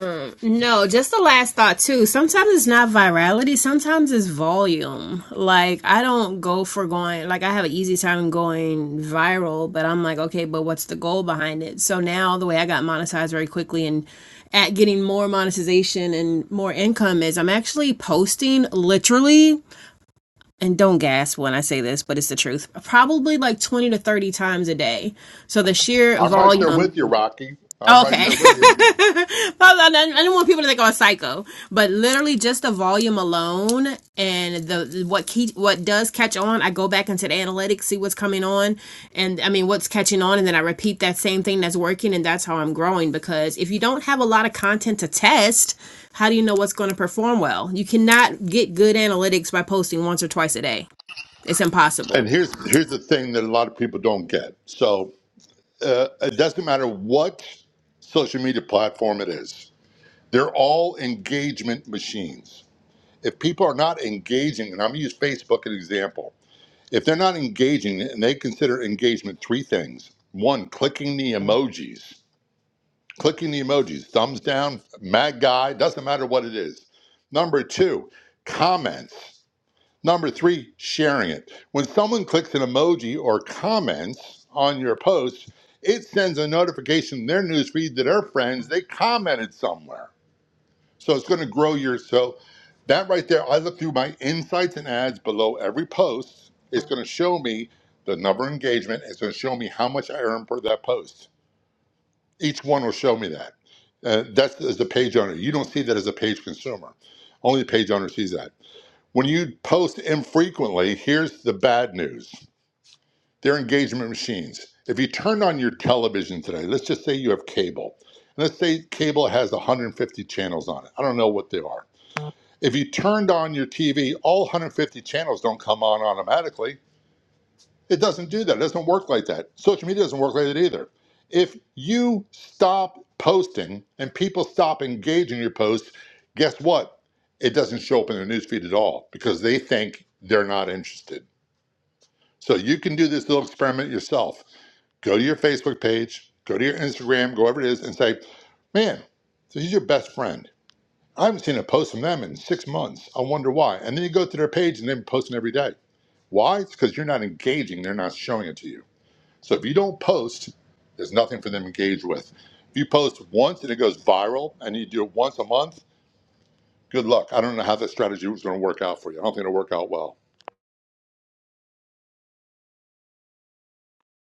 Speaker 5: Um, no, just the last thought too. Sometimes it's not virality, sometimes it's volume. Like I don't go for going like I have an easy time going viral, but I'm like, okay, but what's the goal behind it? So now the way I got monetized very quickly and at getting more monetization and more income is I'm actually posting literally and don't gasp when I say this, but it's the truth. Probably like 20 to 30 times a day. So the sheer
Speaker 1: I'm right there
Speaker 5: volume
Speaker 1: with you, Rocky. I'm
Speaker 5: Okay.
Speaker 1: right
Speaker 5: *laughs*
Speaker 1: there with you.
Speaker 5: I don't want people to think I was psycho, but literally just the volume alone and the what key, what does catch on, I go back into the analytics, see what's coming on, and I mean what's catching on, and then I repeat that same thing that's working, and that's how I'm growing. Because if you don't have a lot of content to test, how do you know what's going to perform well? You cannot get good analytics by posting once or twice a day. It's
Speaker 1: And
Speaker 5: impossible.
Speaker 1: here's here's the thing that a lot of people don't get. So uh, it doesn't matter what social media platform it is; they're all engagement machines. if people are not engaging, and I'm going to use Facebook as an example, if they're not engaging and they consider engagement three things one, clicking the emojis, clicking the emojis, thumbs down, mad guy, doesn't matter what it is. Number two, comments. Number three, sharing it. When someone clicks an emoji or comments on your post, it sends a notification in their newsfeed to their friends they commented somewhere. So it's going to grow your so that right there. I look through my insights and ads below every post. It's going to show me the number of engagement. It's going to show me how much I earn per that post. Each one will show me that. Uh, that's as a page owner. You don't see that as a page consumer. Only the page owner sees that. When you post infrequently, here's the bad news. They're engagement machines. If you turn on your television today, let's just say you have cable. and Let's say cable has 150 channels on it. I don't know what they are if you turned on your TV, all 150 channels don't come on automatically. It doesn't do that. It doesn't work like that. Social media doesn't work like that either. If you stop posting and people stop engaging your posts, guess what? It doesn't show up in their newsfeed at all because they think they're not interested. So you can do this little experiment yourself. Go to your Facebook page, go to your Instagram, go wherever it is, and say, man, this is your best friend I haven't seen a post from them in six months. I wonder why. And then you go to their page and they're posting every day. Why? It's because you're not engaging. They're not showing it to you. So if you don't post, there's nothing for them to engage with. If you post once and it goes viral and you do it once a month, good luck. I don't know how that strategy was going to work out for you. I don't think it'll work out well.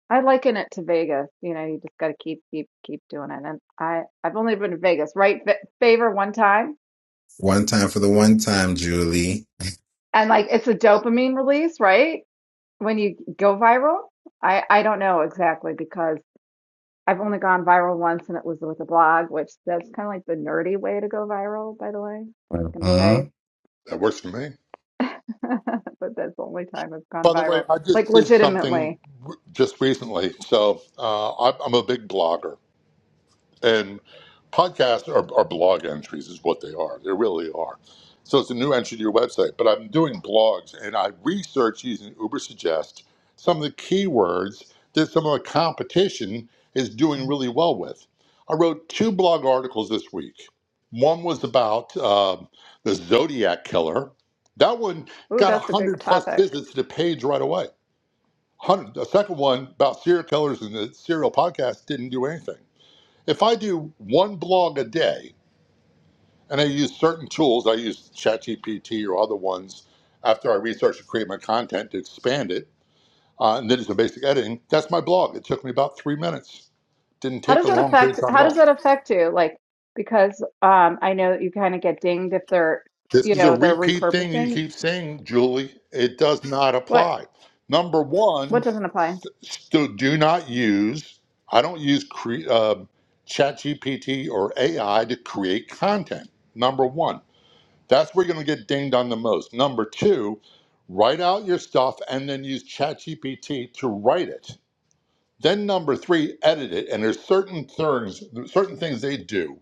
Speaker 3: I liken it to Vegas. You know, you just got to keep, keep, keep doing it. And I, I've only been to Vegas, right? Fa- favor one time,
Speaker 9: one time for the one time julie
Speaker 3: and like it's a dopamine release, right? When you go viral. I, I don't know exactly because I've only gone viral once, and it was with a blog, which that's kind of like the nerdy way to go viral, by the way. I'm just gonna say
Speaker 9: Mhm.
Speaker 1: That works for me.
Speaker 3: *laughs* But that's the only time it's gone
Speaker 1: By the
Speaker 3: viral.
Speaker 1: way, I
Speaker 3: Like
Speaker 1: just did something
Speaker 3: legitimately.
Speaker 1: r- just recently. So uh, i I'm a big blogger. And podcasts are, are blog entries, is what they are. They really are. So it's a new entry to your website. But I'm doing blogs and I research using UberSuggest some of the keywords that some of the competition is doing really well with. I wrote two blog articles this week. One was about um, the Zodiac Killer. That one
Speaker 3: Ooh,
Speaker 1: got
Speaker 3: that's a big
Speaker 1: 100 plus
Speaker 3: topic.
Speaker 1: visits to the page right away. 100. The second one about serial killers and the serial podcast didn't do anything. If I do one blog a day and I use certain tools, I use ChatGPT or other ones after I research and create my content to expand it, uh, and then do some basic editing, that's my blog. It took me about three minutes. Didn't
Speaker 3: How
Speaker 1: take
Speaker 3: does
Speaker 1: a
Speaker 3: that
Speaker 1: long period
Speaker 3: affect
Speaker 1: of time at
Speaker 3: how does
Speaker 1: all.
Speaker 3: that affect you? Like because um I know that you kind of get dinged if they're
Speaker 1: This
Speaker 3: you
Speaker 1: is a
Speaker 3: know, they're
Speaker 1: repeat thing you
Speaker 3: repurposing.
Speaker 1: keep saying, Julie. It does not
Speaker 3: What
Speaker 1: apply. Number
Speaker 3: what
Speaker 1: one,
Speaker 3: doesn't apply?
Speaker 1: still do not use, I don't use cre- uh, ChatGPT or AI to create content. Number one. That's where you're going to get dinged on the most. Number two, write out your stuff and then use ChatGPT to write it. Then number three, edit it. And there's certain things, certain things they do.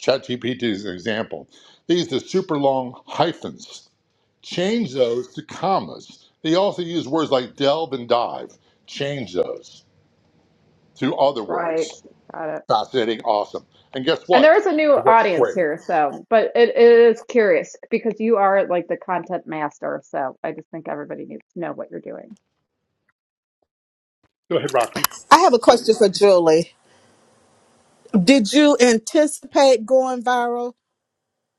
Speaker 1: ChatGPT is an example. They use the super long hyphens. Change those to commas. They also use words like delve and dive. Change those to other
Speaker 3: Right.
Speaker 1: words.
Speaker 3: Got it.
Speaker 1: Fascinating, awesome. And guess
Speaker 3: And
Speaker 1: what?
Speaker 3: there is a new
Speaker 1: It works
Speaker 3: audience
Speaker 1: great.
Speaker 3: here, so but it, it is curious because you are like the content master, so I just think everybody needs to know what you're doing.
Speaker 1: Go ahead, Rocky.
Speaker 6: I have a question for Julie. Did you anticipate going viral?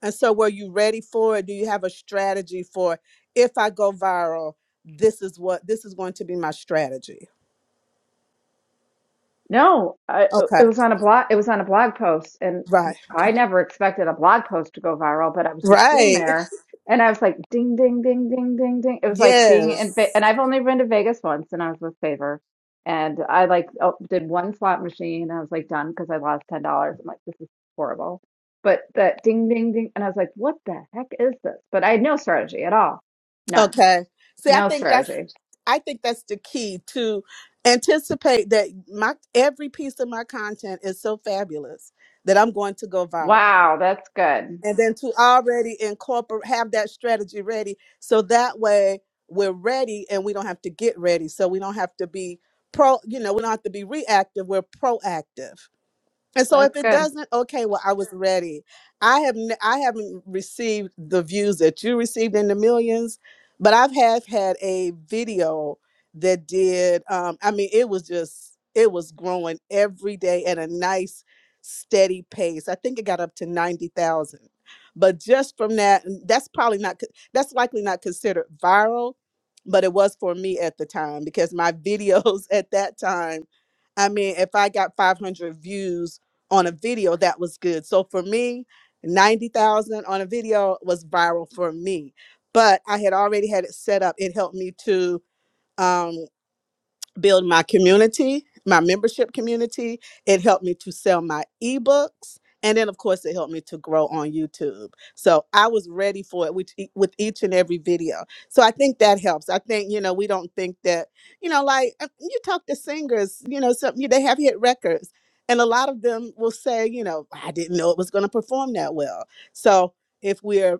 Speaker 6: And so, were you ready for it? Do you have a strategy for if I go viral? This is what this is going to be my strategy.
Speaker 3: No, I,
Speaker 6: Okay.
Speaker 3: it was on a blog. It was on a blog post, and
Speaker 6: Right.
Speaker 3: I
Speaker 6: Okay.
Speaker 3: never expected a blog post to go viral. But I was just sitting
Speaker 6: Right.
Speaker 3: there, and I was like, "Ding, ding, ding, ding, ding, ding." It was like being in, Ve-
Speaker 6: Yes.
Speaker 3: and I've only been to Vegas once, and I was with Favor, and I like oh, did one slot machine, and I was like done because I lost ten dollars. I'm like, this is horrible. But that ding, ding, ding, and I was like, "What the heck is this?" But I had no strategy at all, none,
Speaker 6: Okay. See, I
Speaker 3: no
Speaker 6: think that's
Speaker 3: strategy.
Speaker 6: I think that's the key to anticipate that my every piece of my content is so fabulous that I'm going to go viral.
Speaker 3: Wow, that's good.
Speaker 6: and then to already incorporate have that strategy ready so that way we're ready and we don't have to get ready so we don't have to be pro you know we don't have to be reactive we're proactive and so if
Speaker 3: That's
Speaker 6: it
Speaker 3: good.
Speaker 6: doesn't, okay, well, I was ready. I have n- I haven't received the views that you received in the millions, but I've have had a video that did um I mean it was just it was growing every day at a nice steady pace. I think it got up to 90,000. But just from that and that's probably not co- that's likely not considered viral, but it was for me at the time because my videos *laughs* at that time I mean, if I got 500 views on a video that was good. So for me, 90,000 on a video was viral for me. But I had already had it set up. It helped me to um, build my community, my membership community. It helped me to sell my ebooks. And then, of course, it helped me to grow on YouTube. So I was ready for it with, ea- with each and every video. So I think that helps. I think, you know, we don't think that, you know, like uh, you talk to singers, you know, some, they have hit records. And a lot of them will say, you know, I didn't know it was going to perform that well. So if we're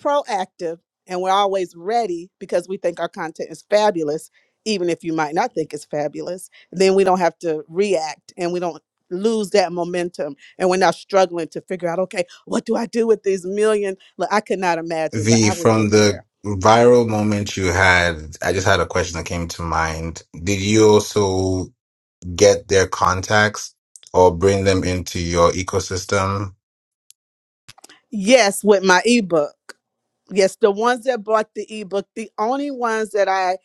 Speaker 6: proactive and we're always ready because we think our content is fabulous, even if you might not think it's fabulous, then we don't have to react and we don't lose that momentum and we're not struggling to figure out, okay, what do I do with these million? Look, I could not imagine, but
Speaker 9: V,
Speaker 6: I will get
Speaker 9: from the
Speaker 6: there.
Speaker 9: viral moment you had, I just had a question that came to mind. Did you also get their contacts or bring them into your ecosystem
Speaker 6: Yes, with my ebook. Yes, the ones that bought the ebook, the only ones that I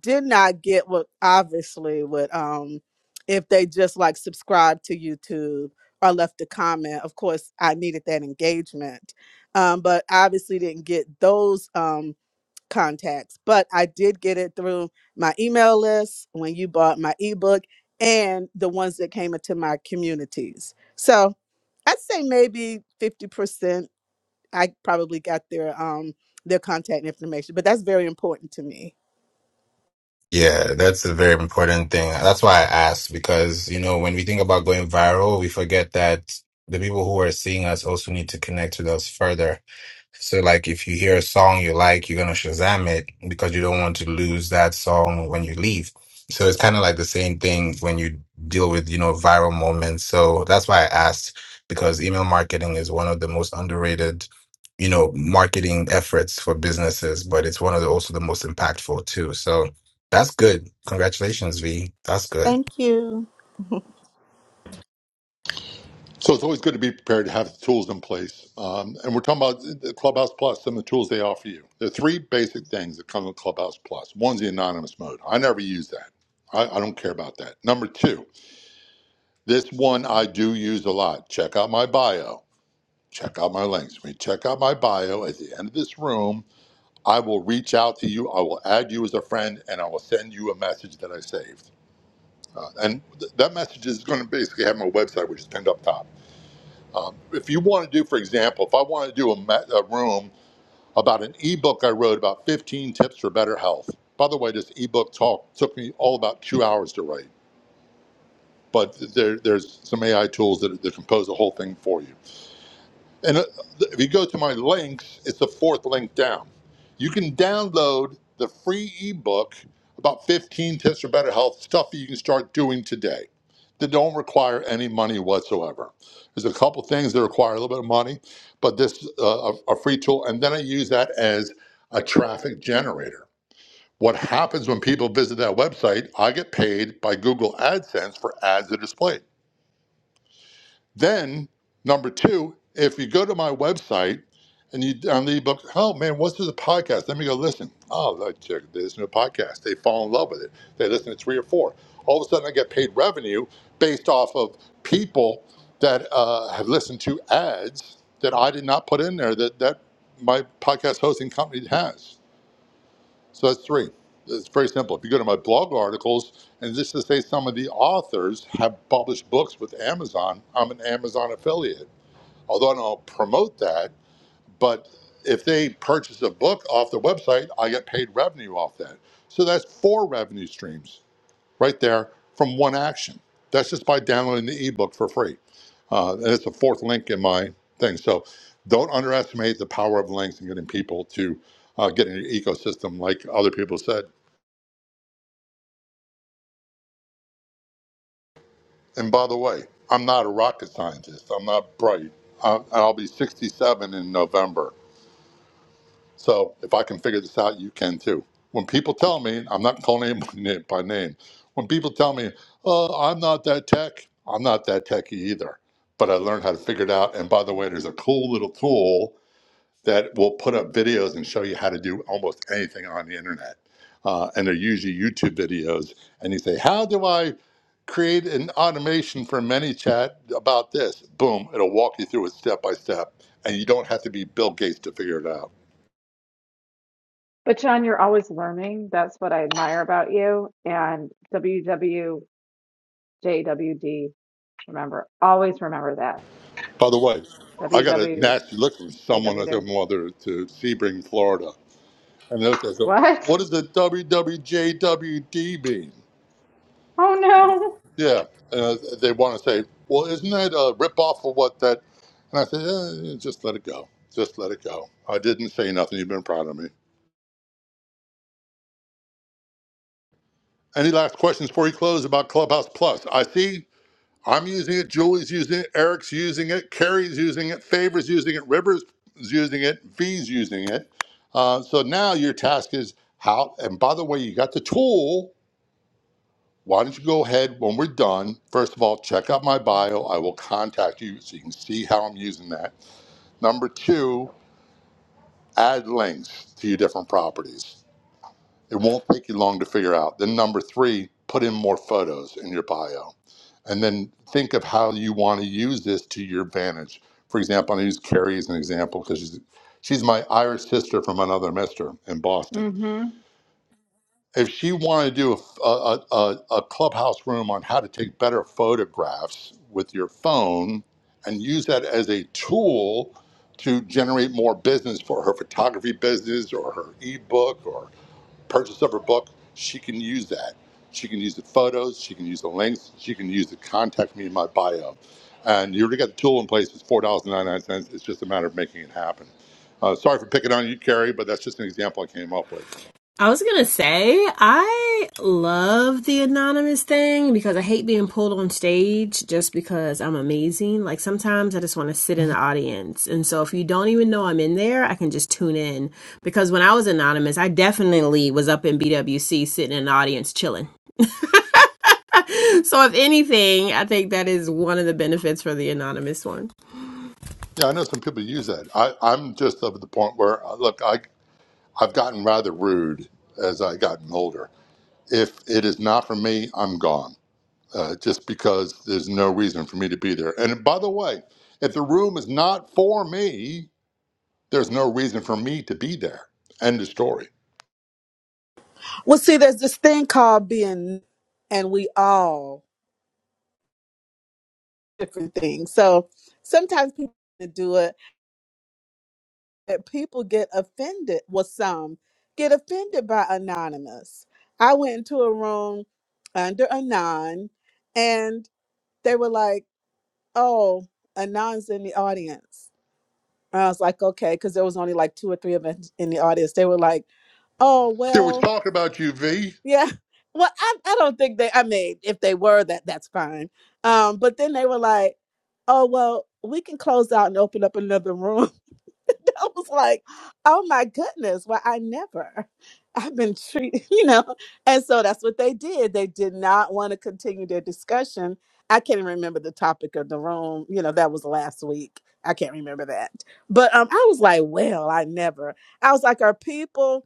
Speaker 6: did not get were obviously would um if they just like subscribed to YouTube or left a comment. Of course, I needed that engagement. Um, but obviously didn't get those um contacts. But I did get it through my email list when you bought my ebook and the ones that came into my communities. So I'd say maybe 50%. I probably got their um their contact information, but that's very important to me.
Speaker 9: Yeah, that's a very important thing. That's why I asked because, you know, when we think about going viral, we forget that the people who are seeing us also need to connect with us further. So, like, if you hear a song you like, you're gonna Shazam it because you don't want to lose that song when you leave. So it's kind of like the same thing when you deal with, you know, viral moments. So that's why I asked because email marketing is one of the most underrated, you know, marketing efforts for businesses, but it's one of the also the most impactful too. So that's good. Congratulations, V. That's good.
Speaker 6: Thank you.
Speaker 1: So it's always good to be prepared to have the tools in place. Um, and we're talking about the Clubhouse Plus and the tools they offer you. There are three basic things that come with Clubhouse Plus. One's the anonymous mode. I never use that. I, I don't care about that. Number two, this one I do use a lot. Check out my bio. Check out my links. When you check out my bio at the end of this room, I will reach out to you. I will add you as a friend, and I will send you a message that I saved. Uh, and th- that message is going to basically have my website, which is pinned up top. Um, if you want to do, for example, if I want to do a, ma- a room about an ebook I wrote about 15 tips for better health. By the way, this ebook talk took me all about two hours to write, but there, there's some AI tools that, that compose the whole thing for you. And uh, if you go to my links, it's the fourth link down. You can download the free ebook about 15 tips for better health, stuff that you can start doing today that don't require any money whatsoever. There's a couple things that require a little bit of money, but this is uh, a, a free tool. And then I use that as a traffic generator. What happens when people visit that website? I get paid by Google AdSense for ads that are displayed. Then number two, if you go to my website and you download the ebook, oh man, what's the podcast? Let me go listen. Oh, look, check this new podcast. They fall in love with it. They listen to three or four. All of a sudden, I get paid revenue based off of people that uh, have listened to ads that I did not put in there that that my podcast hosting company has. So that's three. It's very simple. If you go to my blog articles, and just to say some of the authors have published books with Amazon, I'm an Amazon affiliate. Although I don't promote that, but if they purchase a book off the website, I get paid revenue off that. So that's four revenue streams right there from one action. That's just by downloading the ebook for free. Uh, and it's the fourth link in my thing. So don't underestimate the power of links and getting people to uh, get in your ecosystem, like other people said. And by the way, I'm not a rocket scientist. I'm not bright. I, I'll be 67 in November. So if I can figure this out, you can too. When people tell me, I'm not calling anybody *laughs* name by name. When people tell me, oh, I'm not that tech, I'm not that techy either. But I learned how to figure it out. And by the way, there's a cool little tool that will put up videos and show you how to do almost anything on the internet. Uh, and they're usually YouTube videos. And you say, How do I create an automation for ManyChat about this? Boom, it'll walk you through it step by step. And you don't have to be Bill Gates to figure it out.
Speaker 3: But John, you're always learning. That's what I admire about you. And WWJWD, remember, always remember that.
Speaker 1: By the way, I got a
Speaker 3: WWJWD.
Speaker 1: nasty look from someone at their mother to Sebring, Florida. And they looked at it,
Speaker 3: What?
Speaker 1: what does the WWJWD mean?
Speaker 3: Oh
Speaker 1: Yeah, uh, they want to say, "Well, isn't that a ripoff of what that?" And I said, eh, eh, "Just let it go. Just let it go." I didn't say nothing. You've been proud of me. Any last questions before we close about Clubhouse Plus? I see I'm using it. Julie's using it. Eric's using it. Carrie's using it. Favors using it. Rivers is using it. V's using it. Uh, so now your task is how. And by the way, you got the tool. Why don't you go ahead when we're done? First of all, check out my bio. I will contact you so you can see how I'm using that Number two, add links to your different properties. It won't take you long to figure out. Then number three, put in more photos in your bio. And then think of how you want to use this to your advantage. For example, I use Carrie as an example because she's, she's my Irish sister from another mister in
Speaker 3: no.
Speaker 1: Boston
Speaker 3: Mm-hmm.
Speaker 1: if she wanted to do a, a, a, a clubhouse room on how to take better photographs with your phone and use that as a tool to generate more business for her photography business or her ebook or purchase of her book, she can use that. She can use the photos, she can use the links, she can use the contact me in my bio. And you already got the tool in place. It's $4.99. It's just a matter of making it happen. Uh, sorry for picking on you, Carrie, but that's just an example I came up with.
Speaker 5: I was gonna say I love the anonymous thing because I hate being pulled on stage just because I'm amazing. Like sometimes I just want to sit in the audience, and so if you don't even know I'm in there, I can just tune in. Because when I was anonymous, I definitely was up in BWC sitting in the audience chilling. *laughs* So if anything, I think that is one of the benefits for the anonymous one.
Speaker 1: Yeah, I know some people use that. I, I'm just up at the point where, uh, look, I, I've gotten rather rude as I've gotten older. If it is not for me, I'm gone, uh, just because there's no reason for me to be there. And by the way, if the room is not for me, there's no reason for me to be there. End of story.
Speaker 6: Well, see, there's this thing called being, and we all different things. So sometimes people do it, but people get offended. Well, some get offended by anonymous. I went into a room under anon, and they were like, "Oh, anon's in the audience." And I was like, "Okay," because there was only like two or three of us in the audience. They were like Oh
Speaker 1: They were
Speaker 6: well,
Speaker 1: talking about you, V.
Speaker 6: yeah. *laughs* Well, I, I don't think they. I mean, if they were that, that's fine. Um, but then they were like, "Oh well, we can close out and open up another room." *laughs* I was like, "Oh my goodness!" Well, I never. *laughs* I've been treated, *laughs* you know. And so that's what they did. They did not want to continue their discussion. I can't even remember the topic of the room. You know, that was last week. I can't remember that. But um, I was like, "Well, I never." I was like, "Are people?"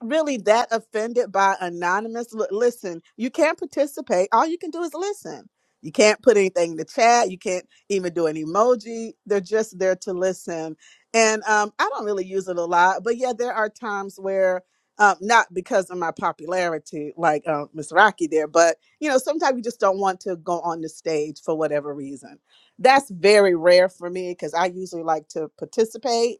Speaker 6: really that offended by anonymous L- listen you can't participate all you can do is listen you can't put anything in the chat you can't even do an emoji they're just there to listen and um, i don't really use it a lot but yeah there are times where um, not because of my popularity like uh, miss rocky there but you know sometimes you just don't want to go on the stage for whatever reason that's very rare for me because i usually like to participate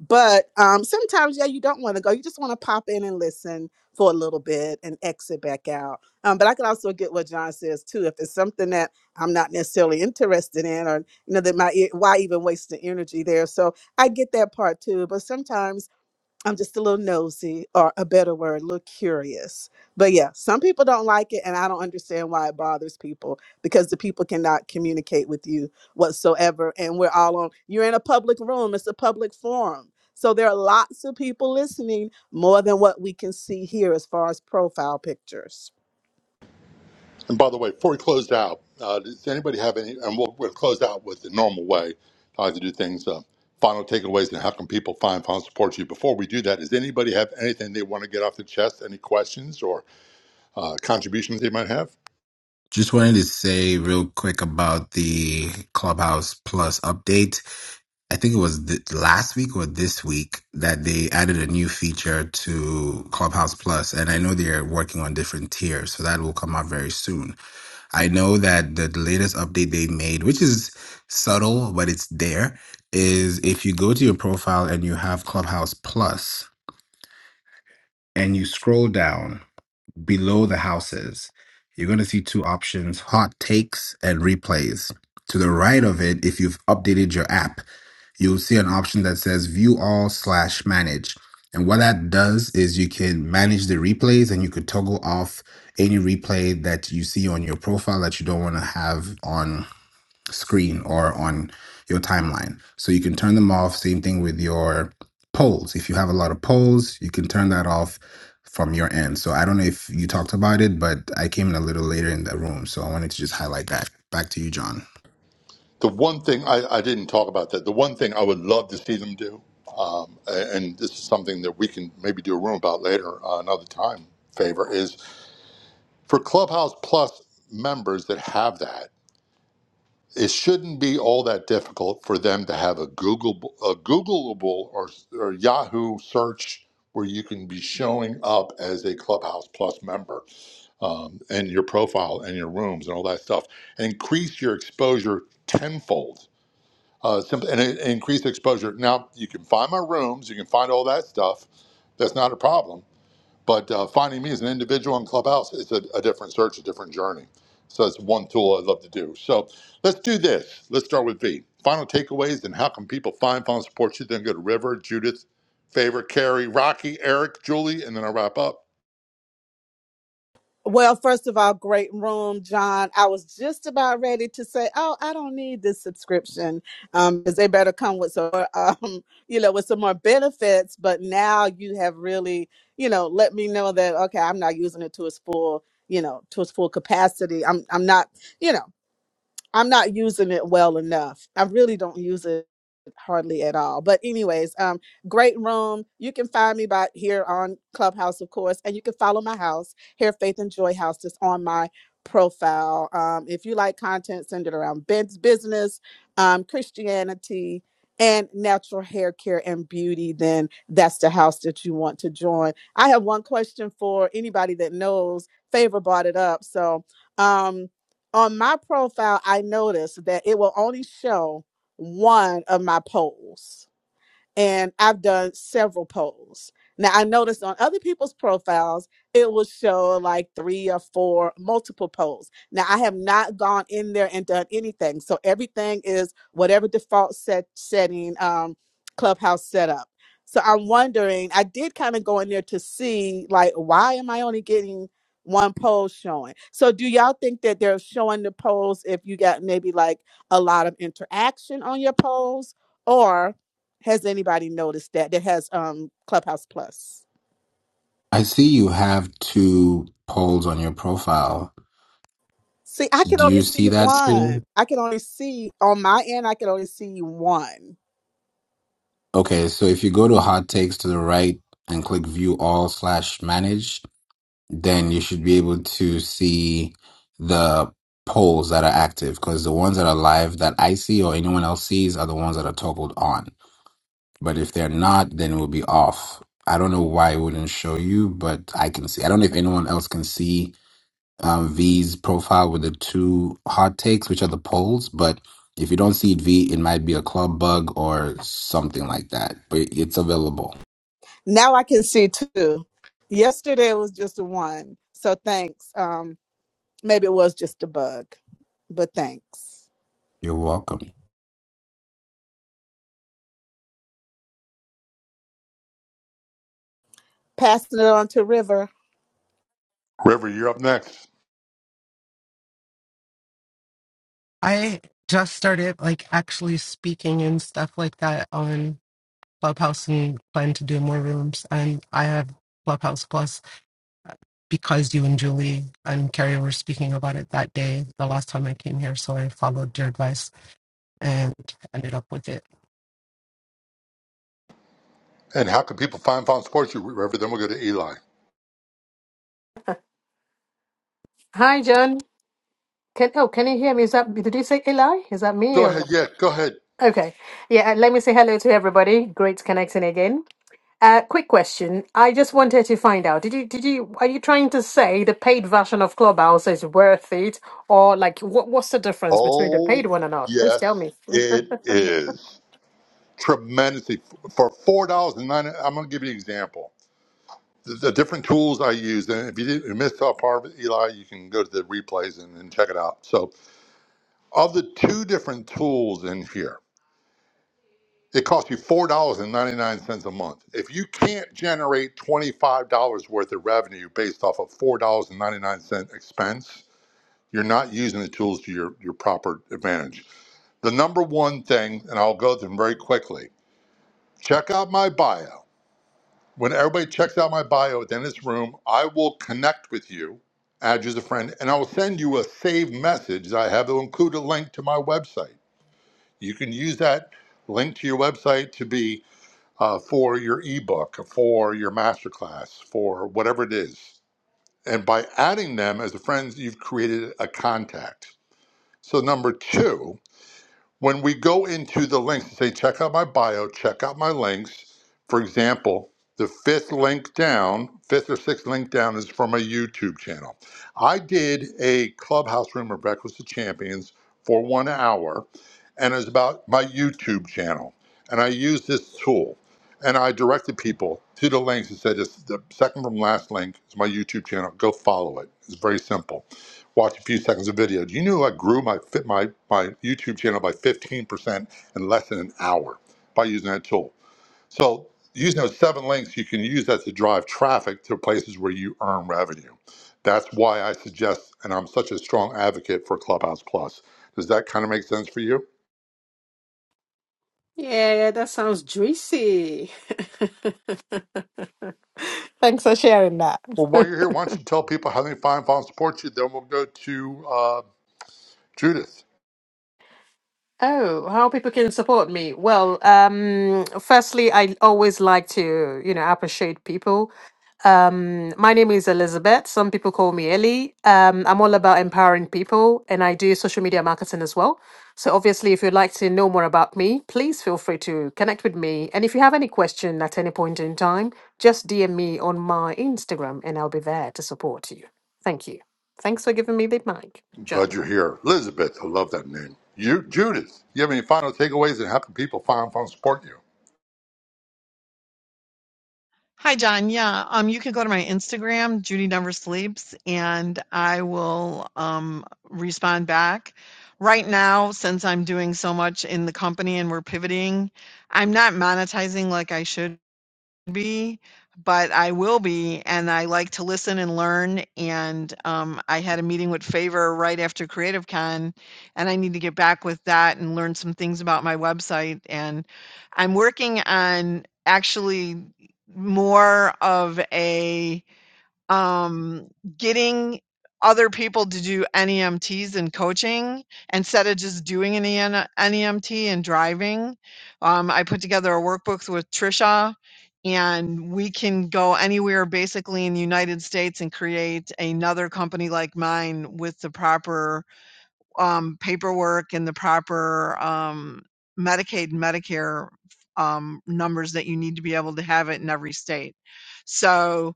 Speaker 6: but um, sometimes, yeah, you don't want to go. You just want to pop in and listen for a little bit and exit back out. Um, but I can also get what John says too. If it's something that I'm not necessarily interested in, or you know, that my e- why even waste the energy there? So I get that part too. But sometimes I'm just a little nosy, or a better word, a little curious. But yeah, some people don't like it, and I don't understand why it bothers people because the people cannot communicate with you whatsoever. And we're all on, you're in a public room, it's a public forum. So there are lots of people listening more than what we can see here as far as profile pictures.
Speaker 1: And by the way, before we closed out, uh, does anybody have any? And we'll, we'll close out with the normal way how to do things. Uh, final takeaways and how can people find final support to you? Before we do that, does anybody have anything they want to get off the chest? Any questions or uh, contributions they might have?
Speaker 9: Just wanted to say real quick about the Clubhouse Plus update. I think it was th- last week or this week that they added a new feature to Clubhouse Plus, and I know they're working on different tiers, so that will come out very soon. I know that the latest update they made, which is subtle but it's there, is if you go to your profile and you have Clubhouse Plus and you scroll down below the houses, you're going to see two options hot takes and replays. To the right of it, if you've updated your app, you'll see an option that says view all slash manage. And what that does is you can manage the replays and you could toggle off any replay that you see on your profile that you don't want to have on screen or on your timeline. So you can turn them off. Same thing with your polls. If you have a lot of polls, you can turn that off from your end. So I don't know if you talked about it, but I came in a little later in the room. So I wanted to just highlight that. Back to you, John.
Speaker 1: The one thing I, I didn't talk about that. The one thing I would love to see them do, um, a- and this is something that we can maybe do a room about later uh, another time. Favor is for Clubhouse Plus members that have that. it shouldn't be all that difficult for them to have a Google a Googleable or, or Yahoo search where you can be showing up as a Clubhouse Plus member um, and your profile and your rooms and all that stuff, and increase your exposure tenfold. Uh, simply, and, and increase exposure. Now you can find my rooms, you can find all that stuff. That's not a problem but uh, finding me as an individual in Clubhouse is a, a different search, a different journey. So that's one tool I'd love to do. So let's do this. Let's start with B. Final takeaways and how can people find, final support you? Then go to River, Judith, Favor, Carrie, Rocky, Eric, Julie, and then I'll wrap up.
Speaker 6: Well, first of all, great room, John. I was just about ready to say, "Oh, I don't need this subscription," um, because they better come with some, um, *laughs* you know, with some more benefits. But now you have really, you know, let me know that okay, I'm not using it to its full, you know, to its full capacity. I'm, I'm not, you know. I'm not using it well enough. I really don't use it hardly at all. But anyways, um, great room. You can find me by here on Clubhouse, of course, and you can follow my house, Hair Faith and Joy House, that's on my profile. Um, if you like content, send it around Ben's business, um, Christianity, and natural hair care and beauty, then that's the house that you want to join. I have one question for anybody that knows. Favor brought it up, so. Um, on my profile, I noticed that it will only show one of my polls and I've done several polls. Now I noticed on other people's profiles it will show like three or four multiple polls. Now I have not gone in there and done anything, so everything is whatever default set setting um, Clubhouse set up. So I'm wondering. I did kind of go in there to see like why am I only getting one poll showing? So do y'all think that they're showing the polls if you got maybe like a lot of interaction on your polls? Has anybody noticed that that has um Clubhouse Plus?
Speaker 9: I see you have two polls on your profile.
Speaker 6: See, I can
Speaker 9: Do
Speaker 6: only
Speaker 9: you
Speaker 6: see
Speaker 9: see that
Speaker 6: one.
Speaker 9: too?
Speaker 6: I can only see on my end. I can only see one.
Speaker 9: Okay, so if you go to hot takes to the right and click view all slash manage, then you should be able to see the polls that are active because the ones that are live that I see or anyone else sees are the ones that are toggled on. But if they're not, then it will be off. I don't know why it wouldn't show you, but I can see. I don't know if anyone else can see um, V's profile with the two hot takes, which are the polls. But if you don't see it, V, it might be a club bug or something like that. But it's available.
Speaker 6: Now I can see two. Yesterday was just a one. So thanks. Um, maybe it was just a bug, but thanks.
Speaker 9: You're welcome.
Speaker 6: Passing it on to River.
Speaker 1: River, you're up next.
Speaker 10: I just started like actually speaking and stuff like that on Clubhouse and plan to do more rooms. And I have Clubhouse Plus uh, because you and Julie and Carrie were speaking about it that day, the last time I came here. So I followed your advice and ended up with it.
Speaker 1: And how can people find, final support you? River, then we'll go to Eli.
Speaker 11: Hi, John. Can oh, can you hear me? Is that did you say Eli? Is that me
Speaker 1: Go ahead.
Speaker 11: or
Speaker 1: Yeah, go ahead.
Speaker 11: okay? Yeah, uh, let me say hello to everybody. Great connecting again. Uh, quick question. I just wanted to find out. Did you did you are you trying to say the paid version of Clubhouse is worth it, or like what what's the difference between the
Speaker 1: Oh,
Speaker 11: paid one and not? Please tell
Speaker 1: yes,
Speaker 11: me. Mm.
Speaker 1: it is. Tremendously. For 4 dollars and 9 I'm going to give you an example. the, the different tools I used. And if you did you missed out part of it, Eli, you can go to the replays and, and check it out. So, of the two different tools in here, it costs you four dollars and ninety nine cents a month. If you can't generate twenty five dollars worth of revenue based off of four dollars and ninety nine cent expense, you're not using the tools to your your proper advantage. The number one thing, and I'll go through them very quickly. Check out my bio. When everybody checks out my bio at the end of this room, I will connect with you, add you as a friend, and I will send you a saved message that I have. that will include a link to my website. You can use that link to your website to be uh, for your ebook, for your masterclass, for whatever it is. And by adding them as a friend, you've created a contact. So, number two, when we go into the links and say, check out my bio, check out my links, for example, the fifth link down, fifth or sixth link down is from a YouTube channel. I did a clubhouse room of Breakfast of Champions for one hour, and it's about my YouTube channel. And I used this tool and I directed people to the links and said, "This- the second from last link is my YouTube channel. Go follow it. It's very simple watch a few seconds of video. Do you know I grew my fit my my YouTube channel by 15% in less than an hour by using that tool? So using those seven links, you can use that to drive traffic to places where you earn revenue. That's why I suggest, and I'm such a strong advocate for Clubhouse Plus. Does that kind of make sense for you?
Speaker 11: Yeah, that sounds juicy. *laughs* Thanks for sharing that.
Speaker 1: Well,
Speaker 11: *laughs*
Speaker 1: while you're here, why don't you tell people how they find, follow, and support you? Then we'll go to uh, Judith.
Speaker 11: Oh, how people can support me. Well, um, firstly, I always like to, you know, appreciate people. Um, my name is Elizabeth. Some people call me Ellie. Um, I'm all about empowering people and I do social media marketing as well. So obviously, if you'd like to know more about me, please feel free to connect with me. And if you have any question at any point in time, just DM me on my Instagram and I'll be there to support you. Thank you. Thanks for giving me the mic,
Speaker 1: I'm Glad
Speaker 11: John.
Speaker 1: you're here. Elizabeth, I love that name. You, Judith, you have any final takeaways and how can people find, follow, and support you?
Speaker 2: Hi, John. Yeah, um, you can go to my Instagram, Judy Never Sleeps, and I will um, respond back. Right now, since I'm doing so much in the company and we're pivoting, I'm not monetizing like I should. be, but I will be, and I like to listen and learn. And um, I had a meeting with Favor right after Creative Con, and I need to get back with that and learn some things about my website. And I'm working on actually more of a um, getting other people to do NEMTs and coaching instead of just doing an EN and driving. Um, I put together a workbook with Trisha, and we can go anywhere basically in the United States and create another company like mine with the proper um, paperwork and the proper um, Medicaid and Medicare um, numbers that you need to be able to have it in every state. So,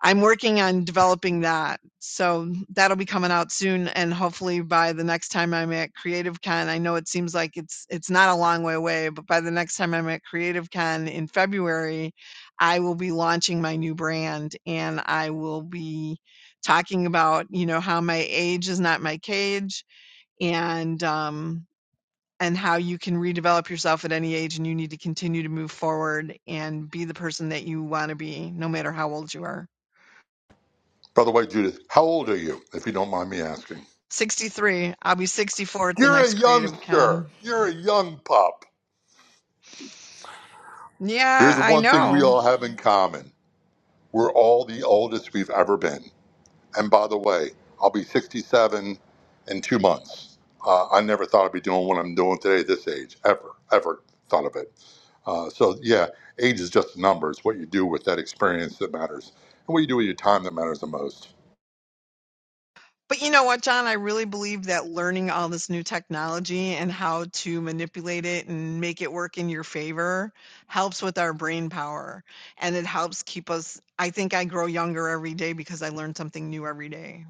Speaker 2: I'm working on developing that. So that'll be coming out soon and hopefully by the next time I'm at Creative Con, I know it seems like it's it's not a long way away, but by the next time I'm at Creative Con in February, I will be launching my new brand and I will be talking about, you know, how my age is not my cage and um and how you can redevelop yourself at any age and you need to continue to move forward and be the person that you want to be no matter how old you are.
Speaker 1: By the way, Judith, how old are you, if you don't mind me asking?
Speaker 2: 63. I'll be 64 at the
Speaker 1: You're a
Speaker 2: next Creative Con.
Speaker 1: youngster. You're a young pup.
Speaker 2: Yeah,
Speaker 1: There's
Speaker 2: I
Speaker 1: one thing we
Speaker 2: know.
Speaker 1: all have in common. We're all the oldest we've ever been. And by the way, I'll be 67 in two months. Uh, I never thought I'd be doing what I'm doing today at this age, ever, ever thought of it. Uh, so, yeah, age is just a number. It's what you do with that experience that matters, and what you do with your time that matters the most.
Speaker 2: But you know what, John? I really believe that learning all this new technology and how to manipulate it and make it work in your favor helps with our brain power. And it helps keep us, I think I grow younger every day because I learn something new every day.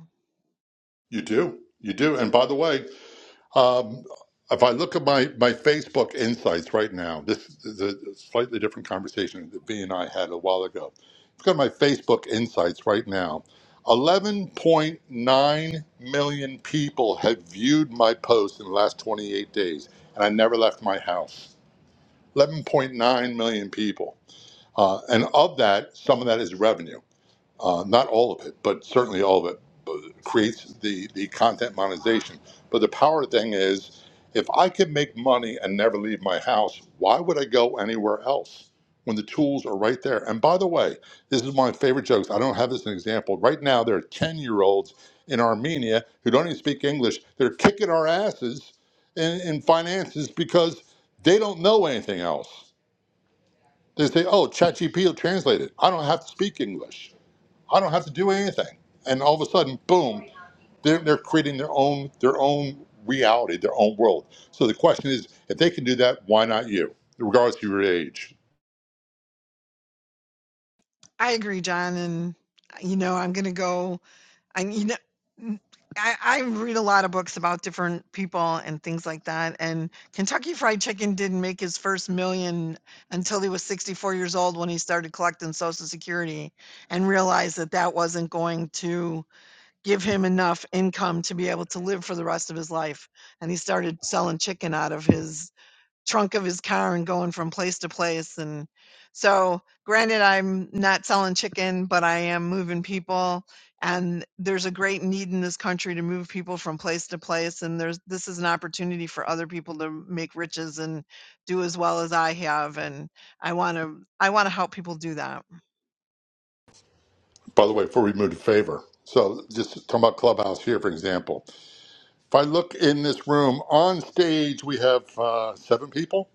Speaker 1: You do. You do. And by the way, Um, if I look at my, my Facebook insights right now, this is a slightly different conversation that B and I had a while ago. Look at my Facebook insights right now. 11.9 million people have viewed my post in the last 28 days, and I never left my house. 11.9 million people. Uh, and of that, some of that is revenue uh, not all of it, but certainly all of it, but creates the, the content monetization. But the power thing is, if I can make money and never leave my house, why would I go anywhere else when the tools are right there? And by the way, this is my favorite jokes. I don't have this as an example. Right now, there are 10 year olds in Armenia who don't even speak English. They're kicking our asses in, in finances because they don't know anything else. They say, oh, ChatGPT will translate it. I don't have to speak English. I don't have to do anything. And all of a sudden, boom, they're, they're creating their own their own reality, their own world. So the question is, if they can do that, why not you, regardless of your age?
Speaker 2: I agree, John. And, you know, I'm going to go I mean, I I read a lot of books about different people and things like that. And Kentucky Fried Chicken didn't make his first million until he was 64 years old when he started collecting Social Security and realized that that wasn't going to give him enough income to be able to live for the rest of his life. And he started selling chicken out of his trunk of his car and going from place to place. And so, granted, I'm not selling chicken, but I am moving people. And there's a great need in this country to move people from place to place. And there's this is an opportunity for other people to make riches and do as well as I have. And I want to I want to help people do that.
Speaker 1: By the way, before we move to favor, so just talking about Clubhouse here, for example. If I look in this room on stage, we have uh, seven people.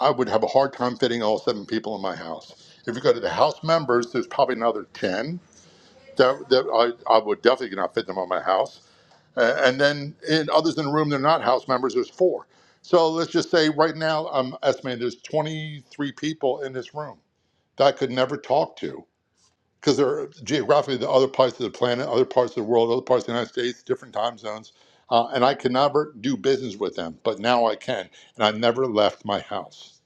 Speaker 1: I would have a hard time fitting all seven people in my house. If you go to the house members, there's probably another ten that, that I, I would definitely not fit them on my house. Uh, and then in others in the room, they're not House members, there's four. So let's just say right now, I'm estimating there's 23 people in this room that I could never talk to because they're geographically the other parts of the planet, other parts of the world, other parts of the United States, different time zones. Uh, and I could never do business with them, but now I can. And I never left my house.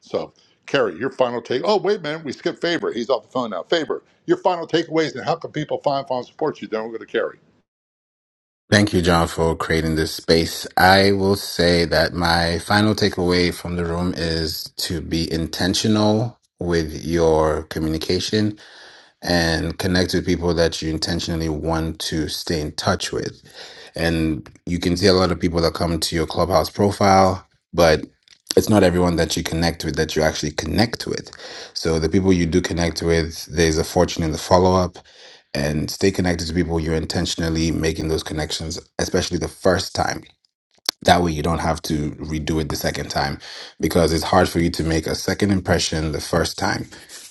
Speaker 1: So, Carrie, your final take. Oh, wait a minute, we skipped Faber. He's off the phone now. Faber, your final takeaways and how can people find, find, support you? Then we'll go to Carrie.
Speaker 9: Thank you, John, for creating this space. I will say that my final takeaway from the room is to be intentional with your communication and connect with people that you intentionally want to stay in touch with. And you can see a lot of people that come to your clubhouse profile, but it's not everyone that you connect with that you actually connect with. So the people you do connect with, there's a fortune in the follow up and stay connected to people you're intentionally making those connections, especially the first time that way, you don't have to redo it the second time because it's hard for you to make a second impression the first time.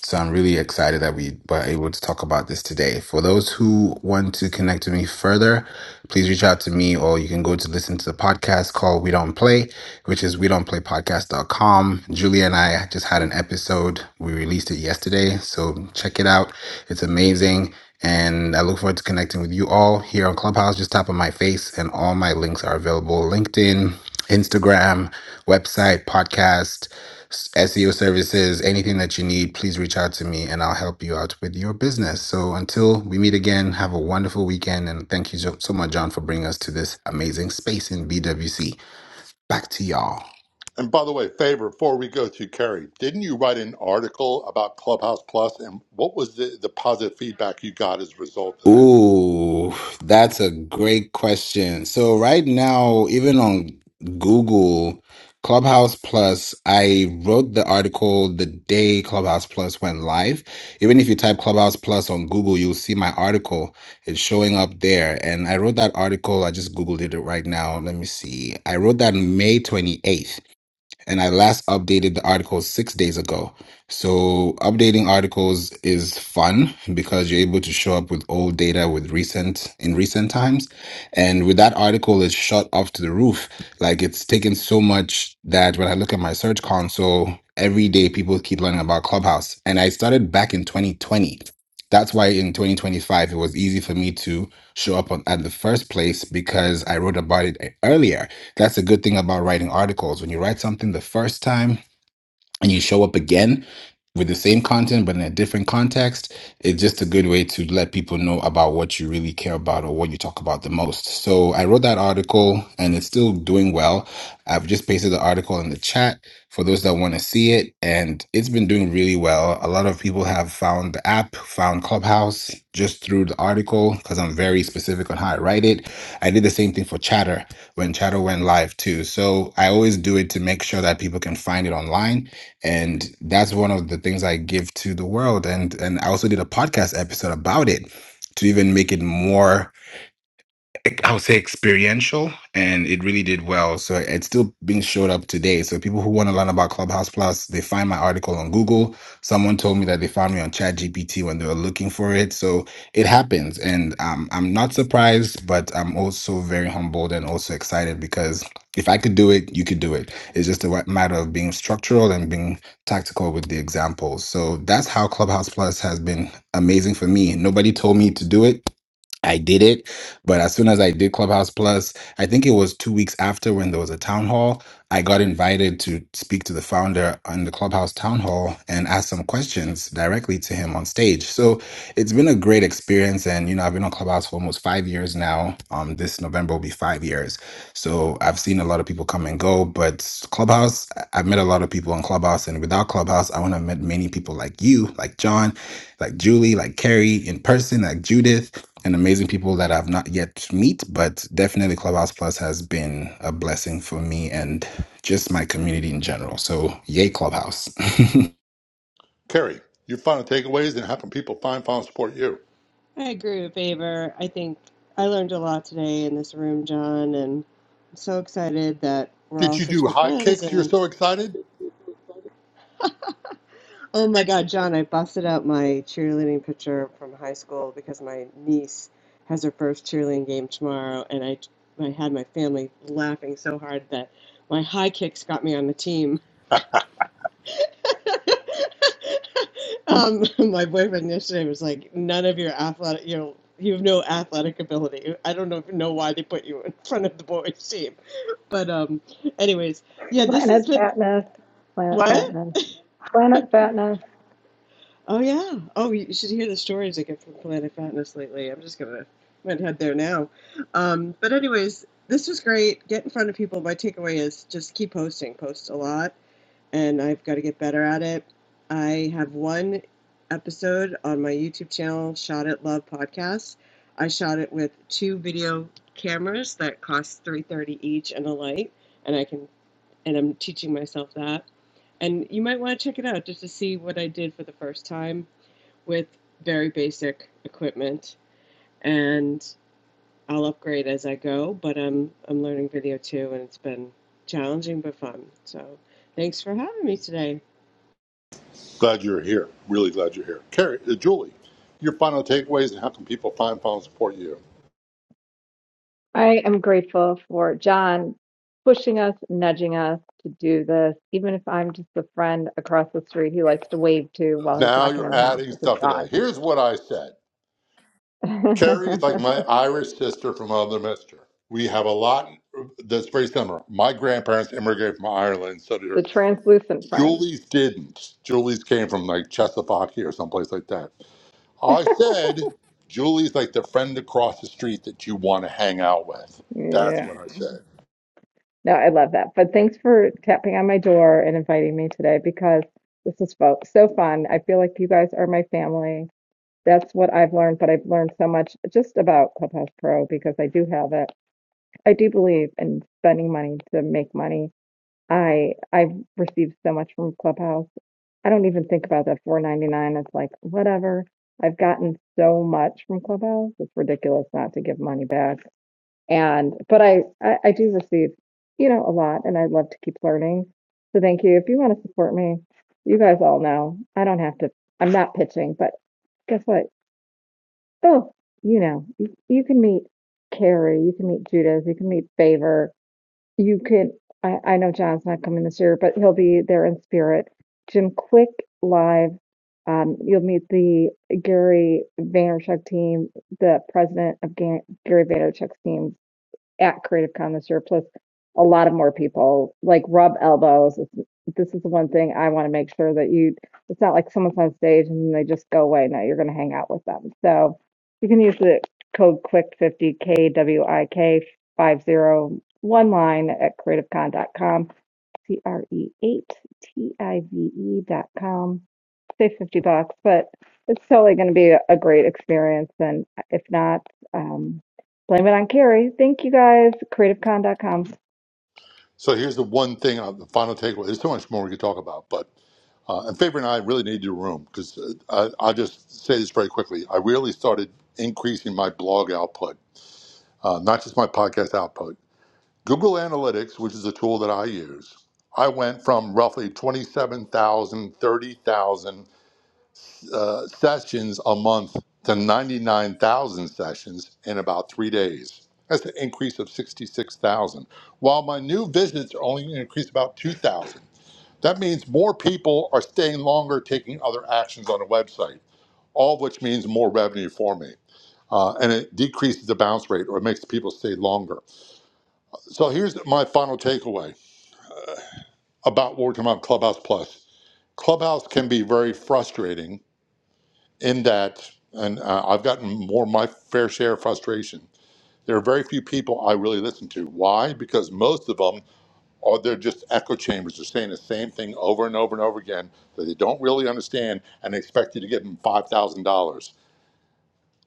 Speaker 9: So, I'm really excited that we were able to talk about this today. For those who want to connect with me further, please reach out to me or you can go to listen to the podcast called We Don't Play, which is we don't play podcast dot com. Julia and I just had an episode. We released it yesterday. So, check it out. It's amazing. And I look forward to connecting with you all here on Clubhouse. Just tap on my face, and all my links are available LinkedIn, Instagram, website, podcast, s- SEO services, anything that you need. Please reach out to me and I'll help you out with your business. So until we meet again, have a wonderful weekend. And thank you so, so much, John, for bringing us to this amazing space in BWC. Back to y'all.
Speaker 1: And by the way, favor before we go to Carrie, didn't you write an article about Clubhouse Plus, and what was the, the positive feedback you got as a result of that?
Speaker 9: Ooh, that's a great question. So right now, even on Google Clubhouse Plus, I wrote the article the day Clubhouse Plus went live. Even if you type Clubhouse Plus on Google, you'll see my article. It's showing up there. And I wrote that article. I just Googled it right now. Let me see. I wrote that May 28th and I last updated the article six days ago. So updating articles is fun because you're able to show up with old data with recent in recent times. And with that article it's shot off to the roof. Like it's taken so much that when I look at my search console, every day people keep learning about Clubhouse. And I started back in 2020. That's why in 2025 it was easy for me to show up on, at the first place because I wrote about it earlier that's a good thing about writing articles. When you write something the first time, and you show up again with the same content but in a different context, it's just a good way to let people know about what you really care about or what you talk about the most. So I wrote that article and it's still doing well. I've just pasted the article in the chat for those that want to see it and it's been doing really well. A lot of people have found the app, found Clubhouse just through the article because I'm very specific on how I write it. I did the same thing for Chatter when Chatter went live too. So I always do it to make sure that people can find it online and that's one of the things I give to the world. And and I also did a podcast episode about it to even make it more ex- I would say experiential, and it really did well. So it's still being showed up today. So people who want to learn about Clubhouse Plus, they find my article on Google. Someone told me that they found me on ChatGPT when they were looking for it. So it happens, and um, I'm not surprised, but I'm also very humbled and also excited because if I could do it, you could do it. It's just a wa- matter of being structural and being tactical with the examples. So that's how Clubhouse Plus has been amazing for me. Nobody told me to do it. I did it, but as soon as I did Clubhouse Plus, I think it was two weeks after when there was a town hall, I got invited to speak to the founder on the Clubhouse town hall and ask some questions directly to him on stage. So it's been a great experience. And, you know, I've been on Clubhouse for almost five years now. Um, this November will be five years. So I've seen a lot of people come and go, but Clubhouse, I- I've met a lot of people on Clubhouse. And without Clubhouse, I wouldn't have met many people like you, like John, like Julie, like Carrie in person, like Judith and amazing people that I've not yet meet, but definitely Clubhouse Plus has been a blessing for me and just my community in general. So yay Clubhouse. *laughs*
Speaker 1: Carrie, your final takeaways and how can people find final support you?
Speaker 7: I agree with Favor. I think I learned a lot today in this room, John, and I'm so excited that we're
Speaker 1: Did
Speaker 7: all
Speaker 1: you
Speaker 7: such
Speaker 1: do
Speaker 7: good
Speaker 1: high
Speaker 7: friends.
Speaker 1: kicks? You're
Speaker 7: and.
Speaker 1: so excited.
Speaker 7: Oh my God, John, I busted out my cheerleading picture from high school because my niece has her first cheerleading game tomorrow, and I, I had my family laughing so hard that my high kicks got me on the team. um, *laughs* my boyfriend yesterday was like, "None of your athletic, you know, you have no athletic ability. I don't know if you know why they put you in front of the boys' team, but um, anyways, yeah, this has
Speaker 3: Planet
Speaker 7: been
Speaker 3: fatness, planet
Speaker 7: what."
Speaker 3: fatness, planet fatness.
Speaker 7: Oh yeah. Oh, you should hear the stories I get from Planet Fatness lately. I'm just gonna I'm gonna head there now. Um, but anyways, this was great. Get in front of people. My takeaway is just keep posting. Post a lot, and I've got to get better at it. I have one episode on my YouTube channel, Shot at Love Podcast. I shot it with two video cameras that cost three hundred thirty dollars each and a light, and I can and I'm teaching myself that. And you might want to check it out just to see what I did for the first time with very basic equipment and I'll upgrade as I go, but I'm I'm learning video too and it's been challenging but fun. So thanks for having me today.
Speaker 1: Glad you're here. Really glad you're here. Carrie, uh, Julie, your final takeaways and how can people find final support you?
Speaker 3: I am grateful for John pushing us, nudging us to do this, even if I'm just a friend across the street he likes to wave to while he's
Speaker 1: Now
Speaker 3: walking
Speaker 1: you're
Speaker 3: in the house
Speaker 1: adding
Speaker 3: with his
Speaker 1: stuff to
Speaker 3: dog.
Speaker 1: that. Here's what I said.
Speaker 3: *laughs*
Speaker 1: Carrie's like my Irish sister from another mister. We have a lot that's very similar. My grandparents immigrated from Ireland, so did her. Julie's didn't. Julie's came from like Czechoslovakia or someplace like that. I said, Julie's like the friend across the street that you want to hang out with. That's
Speaker 3: Yeah.
Speaker 1: what I said.
Speaker 3: No, I love that. But thanks for tapping on my door and inviting me today because this is fo so fun. I feel like you guys are my family. That's what I've learned, but I've learned so much just about Clubhouse Pro because I do have it. I do believe in spending money to make money. I I've received so much from Clubhouse. I don't even think about that 4.99. It's like whatever. I've gotten so much from Clubhouse. It's ridiculous not to give money back and but I, I I do receive, you know, a lot, and I'd love to keep learning. So thank you. If you want to support me, you guys all know I don't have to. I'm not pitching, but guess what? Oh, you know, you, you can meet Carrie, you can meet Judas, you can meet Favor, you can. I I know John's not coming this year, but he'll be there in spirit. Jim Quick live. Um, you'll meet the Gary Vaynerchuk team, the president of Ga- Gary Vaynerchuk's team, at Creative Commons surplus. A lot of more people like rub elbows. It's, this is the one thing I want to make sure that you. It's not like someone's on stage and they just go away. No, you're going to hang out with them. So you can use the code Quick fifty K W I K five zero one line at creativecon.com. C R E eight T I V E dot com say 50 bucks, but it's totally going to be a, a great experience. And if not, um, blame it on Carrie. Thank you guys. creative con dot Com
Speaker 1: So here's the one thing, uh, the final takeaway. There's so much more we could talk about, but uh, and Faber and I really need your room because uh, I- I'll just say this very quickly. I really started increasing my blog output uh, not just my podcast output. Google Analytics, which is a tool that I use, I went from roughly 27,000, 30,000 uh, sessions a month to 99,000 sessions in about three days. That's an increase of 66,000. While my new visits are only increased about 2,000. That means more people are staying longer, taking other actions on a website, all of which means more revenue for me. Uh, and it decreases the bounce rate or it makes people stay longer. So here's my final takeaway about working on Clubhouse Plus. Clubhouse can be very frustrating in that, and uh, I've gotten more than my fair share of frustration. There are very few people I really listen to. Why? Because most of them are they're just echo chambers. They're saying the same thing over and over and over again that they don't really understand, and they expect you to give them five thousand dollars.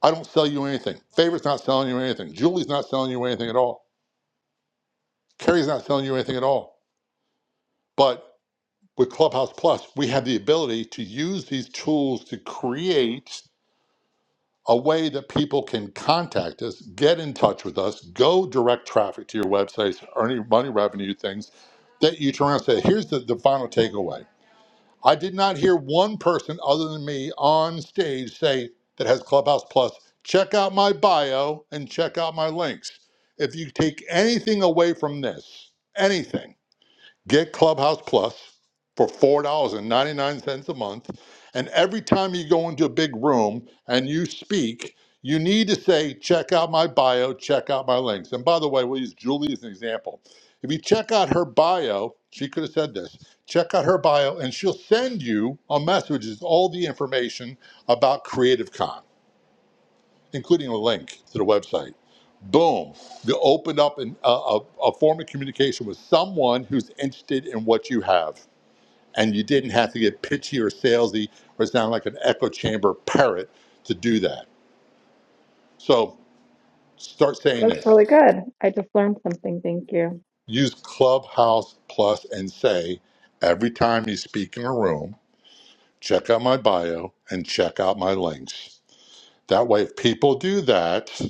Speaker 1: I don't sell you anything. Favor's not selling you anything. Julie's not selling you anything at all. Carrie's not selling you anything at all. But. with Clubhouse Plus, we have the ability to use these tools to create a way that people can contact us, get in touch with us, go direct traffic to your websites, earning money, revenue, things that you turn around and say, here's the, the final takeaway. I did not hear one person other than me on stage say that has Clubhouse Plus, check out my bio and check out my links. If you take anything away from this, anything, Get Clubhouse Plus for $4.99 a month. And every time you go into a big room and you speak, you need to say, check out my bio, check out my links. And by the way, we'll use Julie as an example. If you check out her bio, she could have said this check out her bio, and she'll send you a message with all the information about Creative Con including a link to the website. Boom, you opened up an, a, a, a form of communication with someone who's interested in what you have. And you didn't have to get pitchy or salesy or sound like an echo chamber parrot to do that. So start saying
Speaker 3: That's
Speaker 1: this
Speaker 3: really good. I just learned something. Thank you.
Speaker 1: use Clubhouse Plus and say, every time you speak in a room, check out my bio and check out my links. That way, if people do that,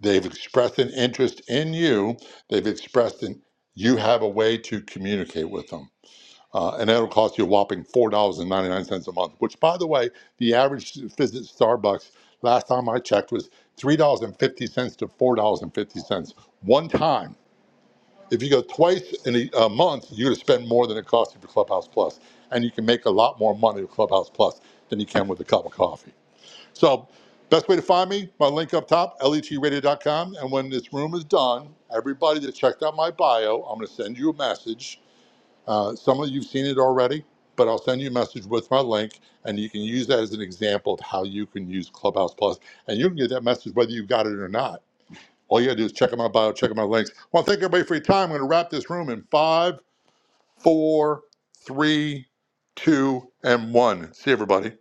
Speaker 1: They've expressed an interest in you. They've expressed an you have a way to communicate with them. Uh, and that'll cost you a whopping $4.99 a month, which, by the way, the average visit to Starbucks last time I checked was $3.50 to $4.50 one time. If you go twice in a, a month, you're going to spend more than it costs you for Clubhouse Plus, And you can make a lot more money with Clubhouse Plus than you can with a cup of coffee. So, best way to find me, my link up top, letradio.com. And when this room is done, everybody that checked out my bio, I'm going to send you a message. Uh, some of you've seen it already, but I'll send you a message with my link, and you can use that as an example of how you can use Clubhouse Plus. And you can get that message whether you got it or not. All you got to do is check out my bio, check out my links. Well, thank everybody for your time. I'm going to wrap this room in five, four, three, two, and one. See everybody.